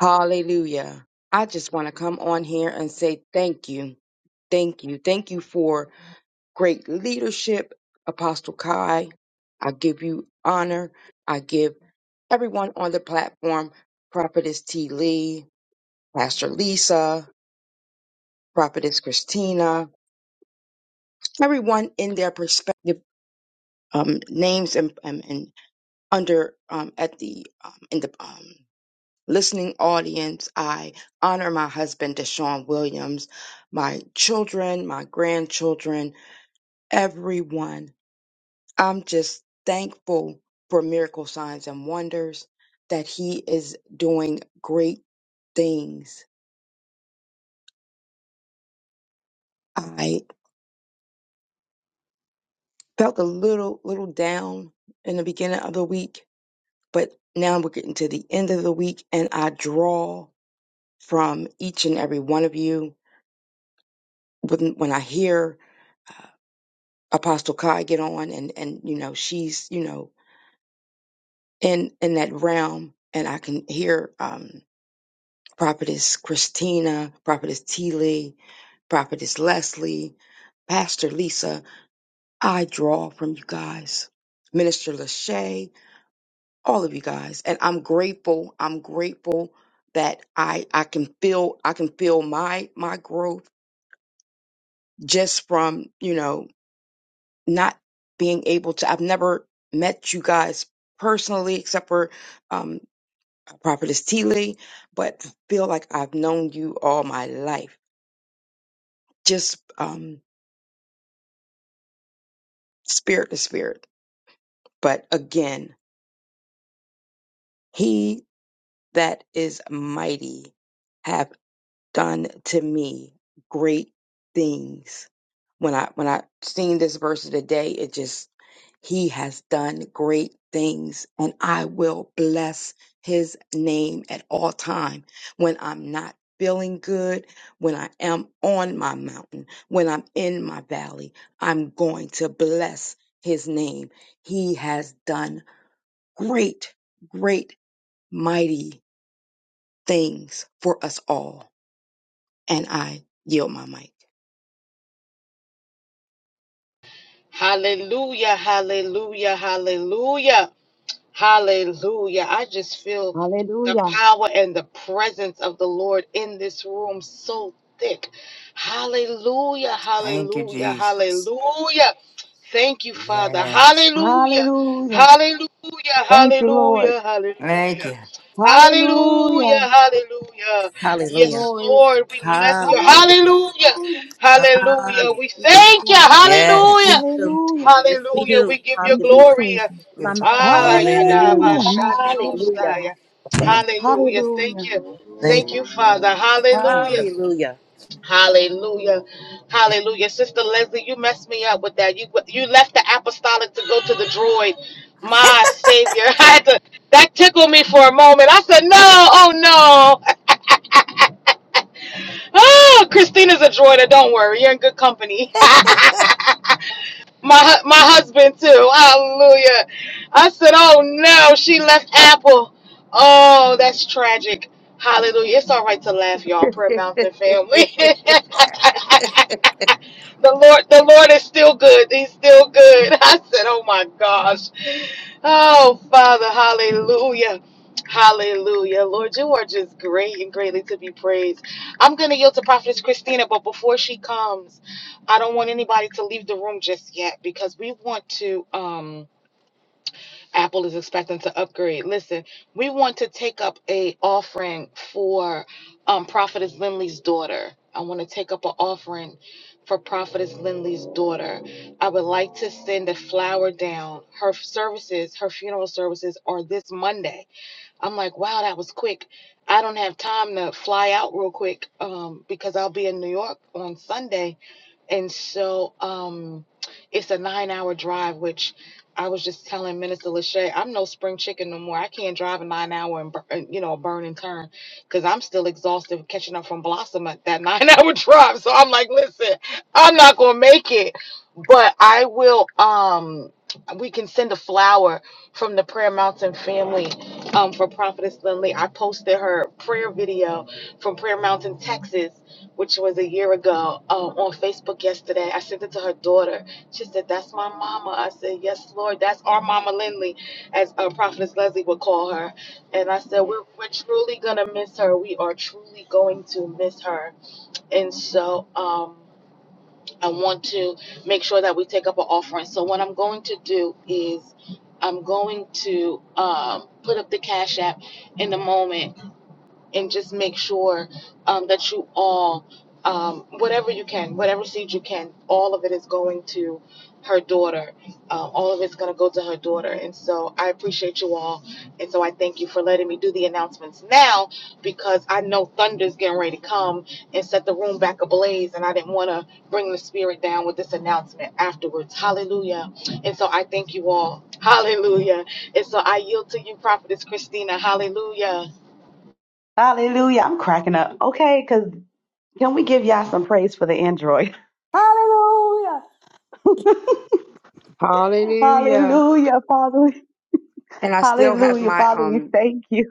S3: Hallelujah. I just want to come on here and say thank you. Thank you. Thank you for great leadership, Apostle Kai. I give you honor. I give everyone on the platform, Prophetess T. Lee, Pastor Lisa, Prophetess Christina, everyone in their perspective um, names and, and, and under um, at the um, in the um, listening audience, I honor my husband Deshaun Williams, my children, my grandchildren, everyone. I'm just thankful for miracle signs and wonders that he is doing great things. I felt a little little down in the beginning of the week, but now we're getting to the end of the week, and I draw. from each and every one of you. When, when I hear uh, Apostle Kai get on and, and, you know, she's, you know, in, in that realm and I can hear, um, Prophetess Christina, Prophetess T. Lee, Prophetess Leslie, Pastor Lisa, I draw from you guys, Minister Lachey, all of you guys, and I'm grateful. I'm grateful that I I can feel I can feel my my growth just from you know not being able to. I've never met you guys personally except for um, Prophetess T. Lee, but I feel like I've known you all my life, just um, spirit to spirit. But again, he that is mighty done to me great things. When I when I seen this verse of the day, it just he has done great things and I will bless his name at all time when I'm not feeling good, when I am on my mountain, when I'm in my valley, I'm going to bless his name. He has done great, great, mighty things for us all. And I yield my mic.
S1: Hallelujah, hallelujah, hallelujah, hallelujah. I just feel the
S7: Hallelujah.
S1: power and the presence of the Lord in this room so thick. Hallelujah,
S6: Thank you,
S1: hallelujah,
S6: Jesus.
S1: hallelujah. Thank you, Father.
S6: Yes.
S1: Hallelujah,
S7: Hallelujah.
S1: hallelujah,
S7: Thank you, Lord.
S1: hallelujah, hallelujah.
S6: Thank you.
S1: Hallelujah,
S7: Hallelujah.
S1: hallelujah.
S7: Yes,
S2: Hallelujah.
S1: Yes,
S7: Lord.
S1: Lord, we bless you.
S2: Hallelujah.
S1: Hallelujah,
S7: Hallelujah.
S1: hallelujah. We
S7: Thank you,
S2: Hallelujah.
S1: thank you.
S7: Father.
S2: Yes,
S1: Hallelujah.
S2: we
S6: Yes.
S2: do.
S7: Hallelujah.
S2: Yes, we
S1: Hallelujah.
S2: do.
S1: We give you
S7: Thank you,
S2: Hallelujah.
S1: glory.
S7: Savior.
S2: Mama.
S1: Ah,
S6: Hallelujah.
S7: Hallelujah. My
S2: Hallelujah.
S1: yadabashandiosai.
S2: My
S1: Hallelujah. Thank
S7: Hallelujah.
S1: you. Thank you, Father.
S7: Mm.
S1: Hallelujah.
S2: hallelujah.
S1: Hallelujah. Hallelujah. Sister Leslie, you messed me up with that. You you left the apostolic to go to the droid. My Savior. I had to, that tickled me for a moment. I said, no, oh no. oh, Christina's a droider. Don't worry. You're in good company. my hu- my husband too. Hallelujah. I said, "Oh no, she left Apple. Oh, that's tragic." Hallelujah. It's all right to laugh, y'all. Prayer Mountain family. the Lord, the Lord is still good. He's still good. I said, "Oh my gosh." Oh, Father, hallelujah. Hallelujah. Lord, you are just great and greatly to be praised. I'm gonna. Christina, but before she comes, I don't want anybody to leave the room just yet because we want to um Apple is expecting to upgrade. Listen, we want to take up a offering for um Prophetess Lindley's daughter. I want to take up an offering for Prophetess Lindley's daughter. I would like to send a flower down. Her services, her funeral services are this Monday. I'm like, wow, that was quick. I don't have time to fly out real quick um, because I'll be in New York on Sunday. And so um, it's a nine hour drive, which I was just telling Minister Lachey, I'm no spring chicken no more. I can't drive a nine hour and, bur- and you know, burn and turn because I'm still exhausted catching up from Blossom at that nine hour drive. So I'm like, listen, I'm not going to make it, but I will. Um, we can send a flower from the Prayer Mountain family um, for Prophetess Lindley. I posted her prayer video from Prayer Mountain, Texas, which was a year ago, um, on Facebook yesterday. I sent it to her daughter. She said, That's my mama. I said, Yes, Lord, that's our mama Lindley, as uh, Prophetess Leslie would call her. And I said, We're, we're truly going to miss her. We are truly going to miss her. And so, um, I want to make sure that we take up an offering. So what I'm going to do is I'm going to um, put up the cash app in the moment and just make sure um, that you all, um, whatever you can, whatever seed you can, all of it is going to her daughter. Um, all of it's going to go to her daughter. And so I appreciate you all. And so I thank you for letting me do the announcements now because I know thunder's getting ready to come and set the room back ablaze. And I didn't want to bring the spirit down with this announcement afterwards. Hallelujah. And so I thank you all. Hallelujah. And so I yield to you, Prophetess Christina. Hallelujah.
S7: Hallelujah. I'm cracking up. Okay, 'cause Can we give y'all some praise for the Android? Hallelujah.
S3: Hallelujah.
S7: Hallelujah, Father.
S3: And I still have
S7: Hallelujah,
S3: my
S7: Father.
S3: um
S7: We thank you.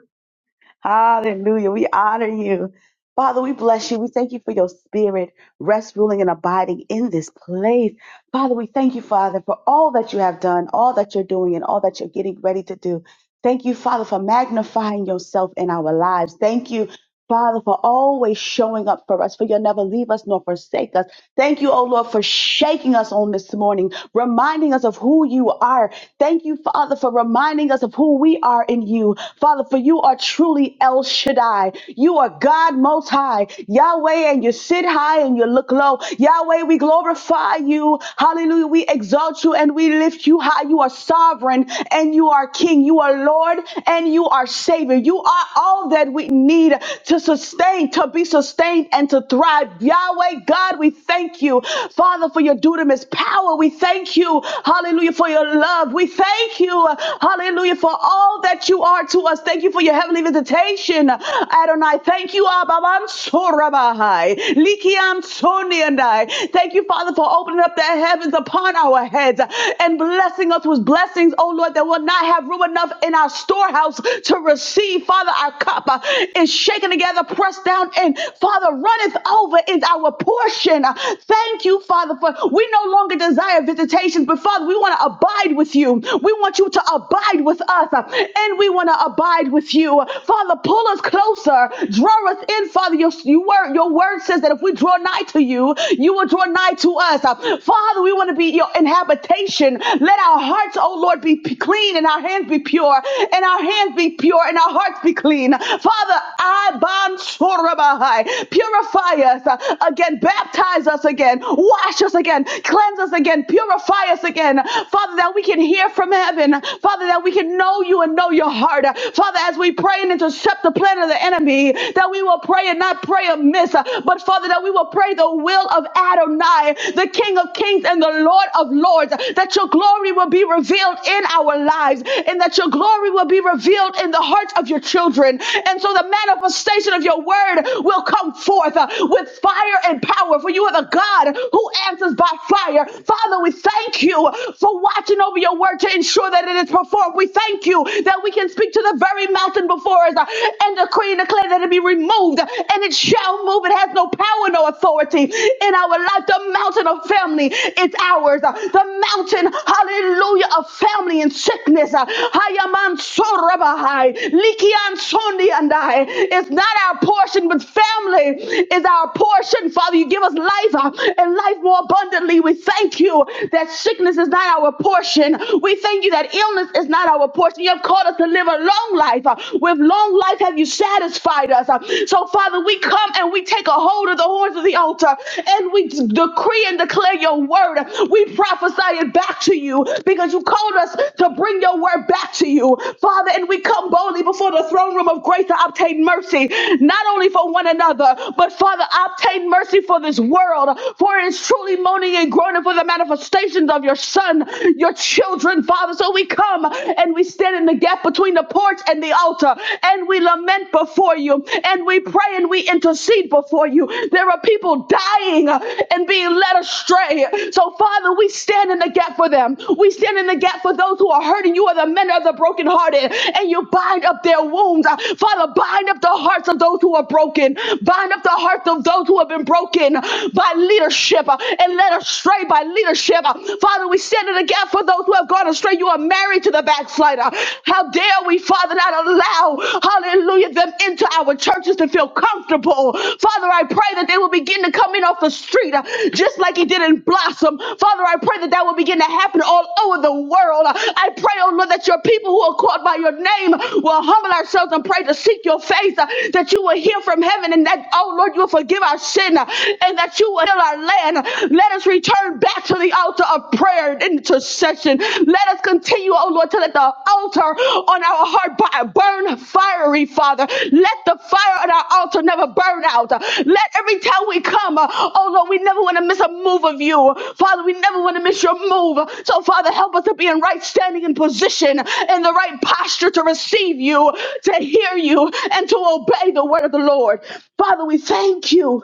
S7: Hallelujah. We honor you. Father, we bless you. We thank you for your spirit, rest, ruling, and abiding in this place. Father, we thank you, Father, for all that you have done, all that you're doing, and all that you're getting ready to do. Thank you, Father, for magnifying yourself in our lives. Thank you, Father, for always showing up for us, for you'll never leave us nor forsake us. Thank you, oh Lord, for shaking us on this morning, reminding us of who you are. Thank you, Father, for reminding us of who we are in you. Father, for you are truly El Shaddai. You are God most high. Yahweh, and you sit high and you look low. Yahweh, we glorify you. Hallelujah. We exalt you and we lift you high. You are are sovereign and you are king. You are Lord and you are savior. You are all that we need to sustain, to be sustained and to thrive. Yahweh God, we thank you, Father, for your dudamus power. We thank you, hallelujah, for your love. We thank you, hallelujah, for all that you are to us. Thank you for your heavenly visitation, Adonai. Thank you, Abba. Bam Sorabahai. Likiam Soniandai. Thank you, Father, for opening up the heavens upon our heads and blessing us with blessings, oh Lord, that will not have room enough in our storehouse to receive. Father, our cup uh, is shaken together, pressed down, and Father, runneth over is our portion. Uh, Thank you, Father, for we no longer desire visitations, but Father, we want to abide with you. We want you to abide with us, uh, and we want to abide with you. Father, pull us closer, draw us in, Father. Your, your, word, your word says that if we draw nigh to you, you you will draw nigh to us. Uh, Father, we want to be your inhabitation. Let our hearts, oh Lord, be p- clean and our hands be pure, and our hands be pure and our hearts be clean. Father, I bond sorabahai. Purify us uh, again, baptize us again, wash us again, cleanse us again, purify us again. Father, that we can hear from heaven. Father, that we can know you and know your heart. Uh, Father, as we pray and intercept the plan of the enemy, that we will pray and not pray amiss dismiss. Uh, But Father, that we will pray the will of Adonai, the King of Kings and the Lord of Lords, that your glory will be revealed in our lives and that your glory will be revealed in the hearts of your children. And so the manifestation of your word will come forth uh, with fire and power, for you are the God who answers by fire. Father, we thank you for watching over your word to ensure that it is performed. We thank you that we can speak to the very mountain before us uh, and decree decree and declare that it be removed and it shall move. It has no power, no authority in our life. The mountain of family is ours. The mountain, hallelujah, of family and sickness. Hayaman sorabahai, likian sondi andai. It's not our portion, but family is our portion. Father, you give us life uh, and life more abundantly. We thank you that sickness is not our portion. We thank you that illness is not our portion. You have called us to live a life long life. Uh, With long life have you satisfied us. Uh, So, Father, we come and we take a hold of the horns of the altar and we decree and declare your word. We prophesy it back to you because you called us to bring your word back to you, Father. And we come boldly before the throne room of grace to obtain mercy, not only for one another, but Father, obtain mercy for this world, for it is truly moaning and groaning for the manifestations of your Son, your children, Father. So we we come and we stand in the gap between the porch and the altar and we lament before you and we pray and we intercede before you. There are people dying uh, and being led astray. So, Father, we stand in the gap for them. We stand in the gap for those who are hurting. You are the men of the brokenhearted and you bind up their wounds. Uh, Father, bind up the hearts of those who are broken. Bind up the hearts of those who have been broken by leadership uh, and led astray by leadership. Uh, Father, Father, we stand in the gap for those who have gone astray. You are married to the backslider. How dare we, Father, not allow, hallelujah, them into our churches to feel comfortable. Father, I pray that they will begin to come in off the street uh, just like it did in Blossom. Father, I pray that that will begin to happen all over the world. Uh, I pray, oh Lord, that your people who are called by your name will humble ourselves and pray to seek your face, uh, that you will hear from heaven and that, oh Lord, you will forgive our sin uh, and that you will heal our land. Let us return back to the altar of prayer and intercession. Let us continue, oh Lord, to let the altar on our heart burn fiery, Father. Let the fire on our altar never burn out. Let every time we come, uh, oh Lord, we never want to miss a move of you. Father, we never want to miss your move. So, Father, help us to be in right standing and position, in the right posture to receive you, to hear you, and to obey the word of the Lord. Father, we thank you.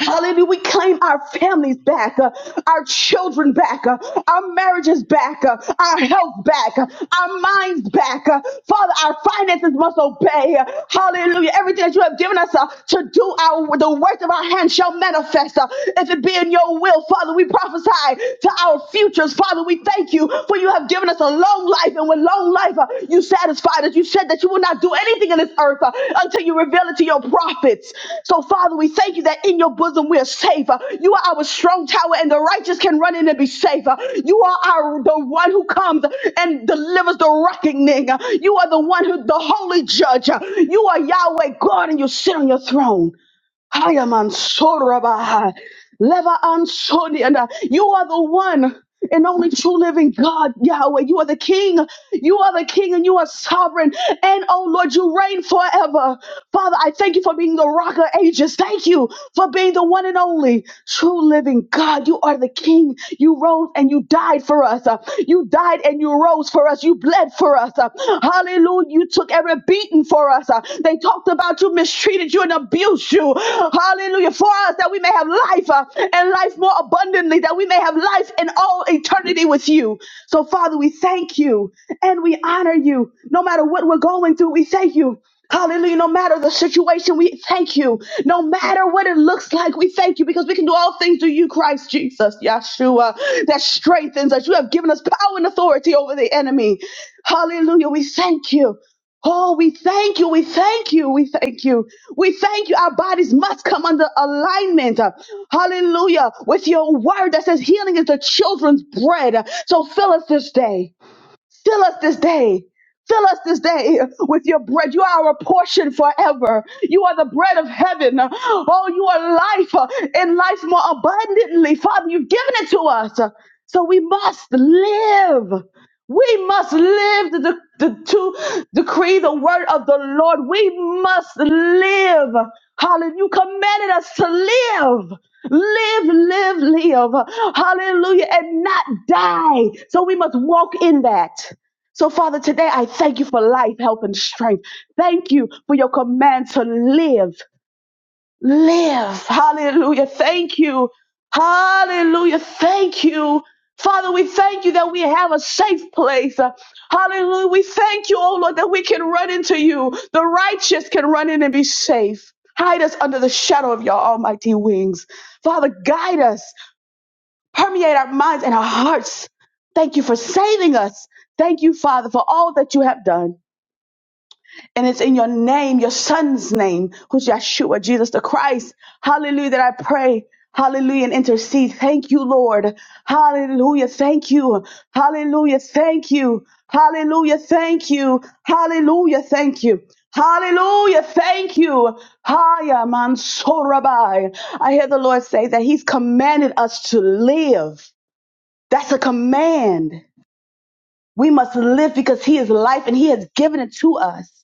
S7: Hallelujah. We claim our families back, uh, our children back, uh, our marriages back, uh, our health back, uh, our minds back. uh, Father, our finances must obey. uh, hallelujah. Everything that you have given us uh, to do, our the works of our hands shall manifest. uh, if it be in your will, Father, we prophesy to our futures. Father, we thank you for you have given us a long long life, and with long life, uh, you satisfied us. You said that you will not do anything in this earth uh, until you reveal it to your prophets. So, Father, we thank you that in your bosom we are safe. Uh, you are our strong tower, and the righteous can run in and be safe. Uh, you are our the one who comes and delivers the reckoning. Uh, you are the one who the holy judge. Uh, you are Yahweh God, and you sit on your throne. Hayamansora Leva Ansoni. And uh, you are the one and only true living God, Yahweh. You are the King. You are the King and you are sovereign. And oh Lord, you reign forever. Father, I thank you for being the rock of ages. Thank you for being the one and only true living God. You are the King. You rose and you died for us. Uh, You died and you rose for us. You bled for us. Uh, Hallelujah. You took every beating for us. Uh, They talked about about you mistreated you and abused you. Hallelujah. For us, that we may have life uh, and life more abundantly, that we may have life in all eternity with you. So, Father, we thank you and we honor you. No matter what we're going through, we thank you. Hallelujah. No matter the situation, we thank you. No matter what it looks like, we thank you because we can do all things through you, Christ Jesus, Yeshua, that strengthens us. You have given us power and authority over the enemy. Hallelujah. We thank you. Oh, we thank you. We thank you. We thank you. We thank you. Our bodies must come under alignment. uh, Hallelujah. With your word that says healing is the children's bread. Uh, So fill us this day. Fill us this day. Fill us this day with your bread. You are our portion forever. You are the bread of heaven. Uh, Oh, you are life uh, and life more abundantly. Father, you've given it to us. Uh, So we must live. We must live the, the, to decree the word of the Lord. We must live. Hallelujah. You commanded us to live. Live, live, live. Hallelujah. And not die. So we must walk in that. So, Father, today I thank you for life, help, and strength. Thank you for your command to live live. Hallelujah. Thank you. Hallelujah. Thank you. Father, we thank you that we have a safe place. Uh, Hallelujah. We thank you, oh Lord, that we can run into you. The righteous can run in and be safe. Hide us under the shadow of your almighty wings. Father, guide us, permeate our minds and our hearts. Thank you for saving us. Thank you, Father, for all that you have done. And it's in your name, your son's name, who's Yeshua, Jesus the Christ. Hallelujah, that I pray. Hallelujah, and intercede. Thank you, Lord. Hallelujah, thank you. Hallelujah, thank you. Hallelujah, thank you. Hallelujah, thank you. Hallelujah, thank you. Haya Mansorabai. I hear the Lord say that He's commanded us to live. That's a command. We must live because He is life and He has given it to us.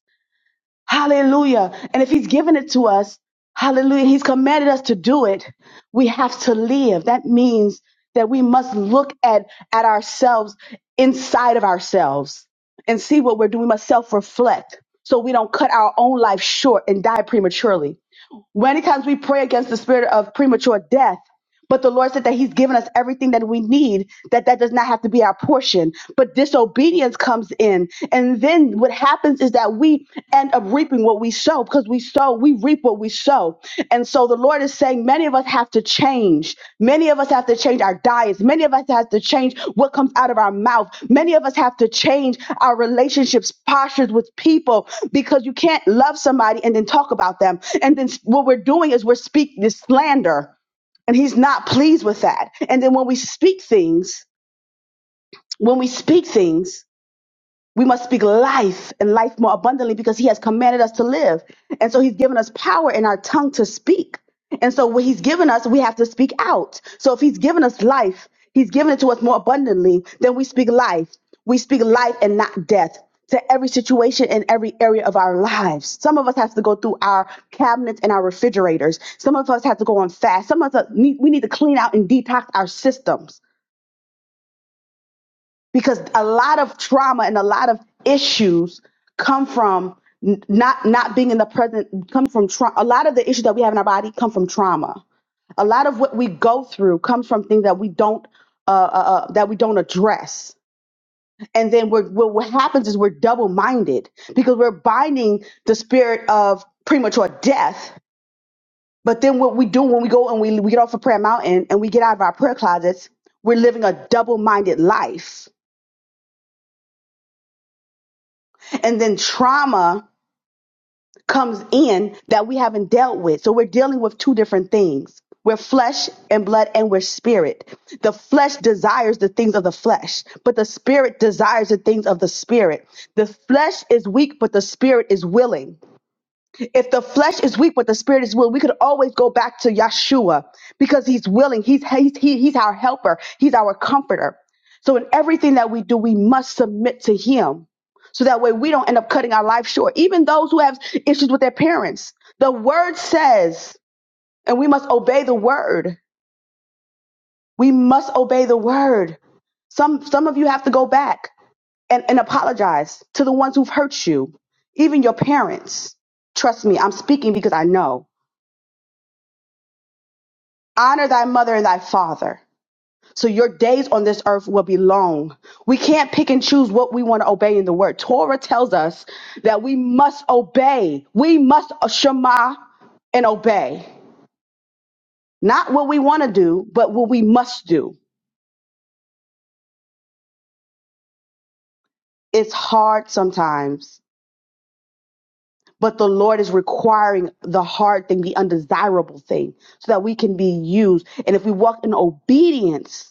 S7: Hallelujah. And if he's given it to us, hallelujah, he's commanded us to do it. We have to live. That means that we must look at, at ourselves inside of ourselves and see what we're doing. We must self reflect so we don't cut our own life short and die prematurely. Many times we pray against the spirit of premature death, but the Lord said that He's given us everything that we need, that that does not have to be our portion. But disobedience comes in. And then what happens is that we end up reaping what we sow because we sow, we reap what we sow. And so the Lord Lord is saying many of us have to change. Many of us have to change our diets. Many of us have to change what comes out of our mouth. Many of us have to change our relationships, postures with people, because you can't love somebody and then talk about them. And then s- what we're doing is we're speaking this slander and he's not pleased with that. And then when we speak things, when we speak things, we must speak life and life more abundantly because he has commanded us to live. And so he's given us power in our tongue to speak. And so what he's given us, we have to speak out. So if he's given us life, he's given it to us more abundantly, then we speak life. We speak life and not death to every situation and every area of our lives. Some of us have to go through our cabinets and our refrigerators. Some of us have to go on fast. Some of us need, we need to clean out and detox our systems because a lot of trauma and a lot of issues come from n- not not being in the present come from trauma a lot of the issues that we have in our body come from trauma a lot of what we go through comes from things that we don't uh, uh, uh, that we don't address and then we're, what what happens is we're double-minded because we're binding the spirit of premature death but then what we do when we go and we, we get off of prayer mountain and we get out of our prayer closets we're living a double-minded life and then trauma comes in that we haven't dealt with. So we're dealing with two different things. We're flesh and blood and we're spirit. The flesh desires the things of the flesh, but the spirit desires the things of the spirit. The flesh is weak, but the spirit is willing. If the flesh is weak, but the spirit is willing, we could always go back to Yeshua because he's willing. He's, he's, he, he's our helper. He's our comforter. So in everything that we do, we must submit to him. So that way we don't end up cutting our life short. Even those who have issues with their parents, the word says, and we must obey the word. We must obey the word. Some, some of you have to go back and, and apologize to the ones who've hurt you, even your parents. Trust me, I'm speaking because I know. Honor thy mother and thy father. So your days on this earth will be long. We can't pick and choose what we want to obey in the word. Torah tells us that we must obey. We must shema and obey. Not what we want to do, but what we must do. It's hard sometimes, but the Lord is requiring the hard thing, the undesirable thing, so that we can be used. And if we walk in obedience,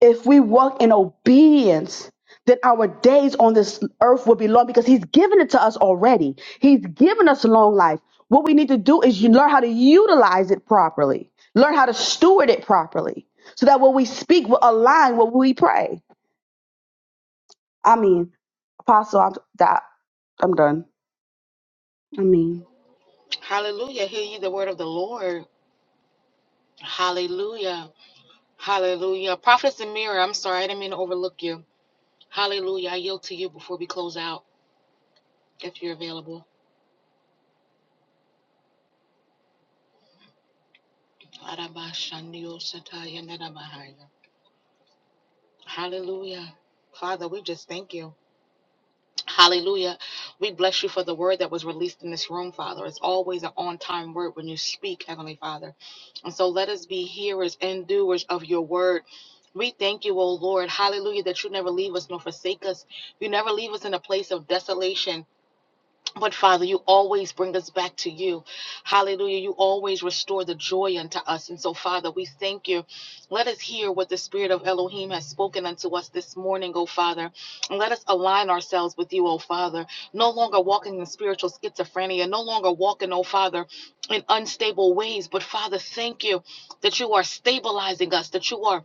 S7: if we walk in obedience, then our days on this earth will be long because He's given it to us already. He's given us long life. What we need to do is you learn how to utilize it properly, learn how to steward it properly, so that what we speak, will align what we pray. I mean, Apostle, I'm, that, I'm done. I mean.
S1: Out. If you will. I do Yeah. Hallelujah. We bless you for the word that was released in this room, Father. It's always an on time word when you speak, Heavenly Father. And so let us be hearers and doers of your word. We thank you, O Lord. Hallelujah, that you never leave us nor forsake us. You never leave us in a place of desolation. But Father, you always bring us back to you. Hallelujah. You always restore the joy unto us. And so, Father, we thank you. Let us hear what the Spirit of Elohim has spoken unto us this morning, O Father. And let us align ourselves with you, O Father. No longer walking in spiritual schizophrenia, no longer walking, O Father, in unstable ways. But Father, thank you that you are stabilizing us, that you are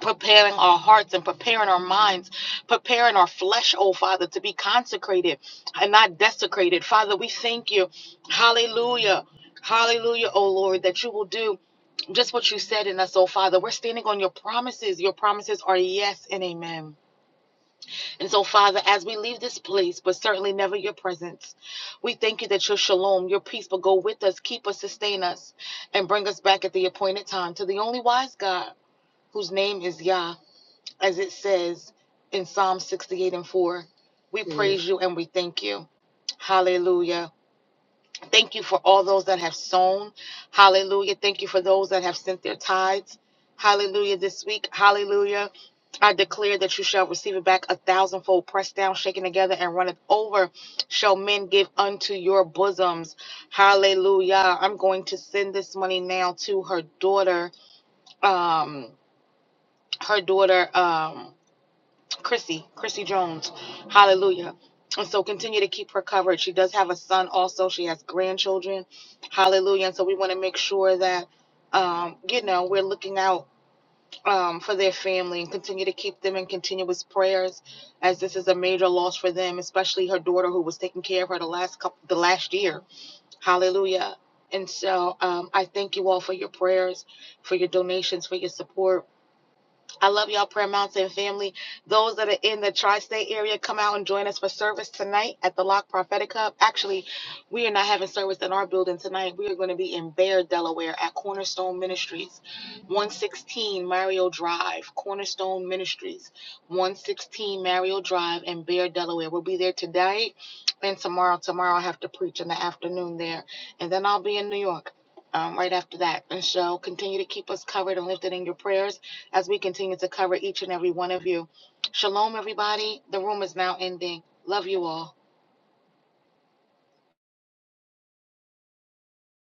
S1: preparing our hearts and preparing our minds, preparing our flesh, oh Father, to be consecrated and not desecrated. Father, we thank you. Hallelujah. Hallelujah, oh Lord, that you will do just what you said in us, oh Father. We're standing on your promises. Your promises are yes and amen. And so, Father, as we leave this place, but certainly never your presence, we thank you that your shalom, your peace will go with us, keep us, sustain us, and bring us back at the appointed time to the only wise God whose name is Yah as it says in Psalm 68 and 4. We Mm. praise you and we thank you. Hallelujah. Thank you for all those that have sown. Hallelujah. Thank you for the thirds. Hallelujah. this week. Hallelujah. Our thousandfold pressed down over Shums. How to send this money now to her daughter. Um, her daughter. Chrissy, Chrissy Jones. Hallelujah. And so continue to keep her covered. She does have a son also. She has grandchildren. Hallelujah. And so we want to make sure that um, you know, we're looking out um, for their family and continue to keep them in continuous prayers as this is a major loss for them, especially her daughter who was taking care of her the last couple the last year. Hallelujah. And so um, I thank you all for your prayers, for your donations, for your support. I love y'all, Prayer Mountain family. Those that are in the tri state area, come out and join us for service tonight at the Lock Prophetic Hub. Actually, we are not having service in our building tonight. We are going to be in Bear, Delaware at Cornerstone Ministries, 116 Mario Drive. Cornerstone Ministries, 116 Mario Drive in Bear, Delaware. We'll be there tonight and tomorrow. Tomorrow, I have to preach in the afternoon there. And then I'll be in New York. um, right after that. And so continue to keep us covered and lifted in your prayers as we continue to cover each and every one of you. Shalom, everybody. The room is now ending. Love you all.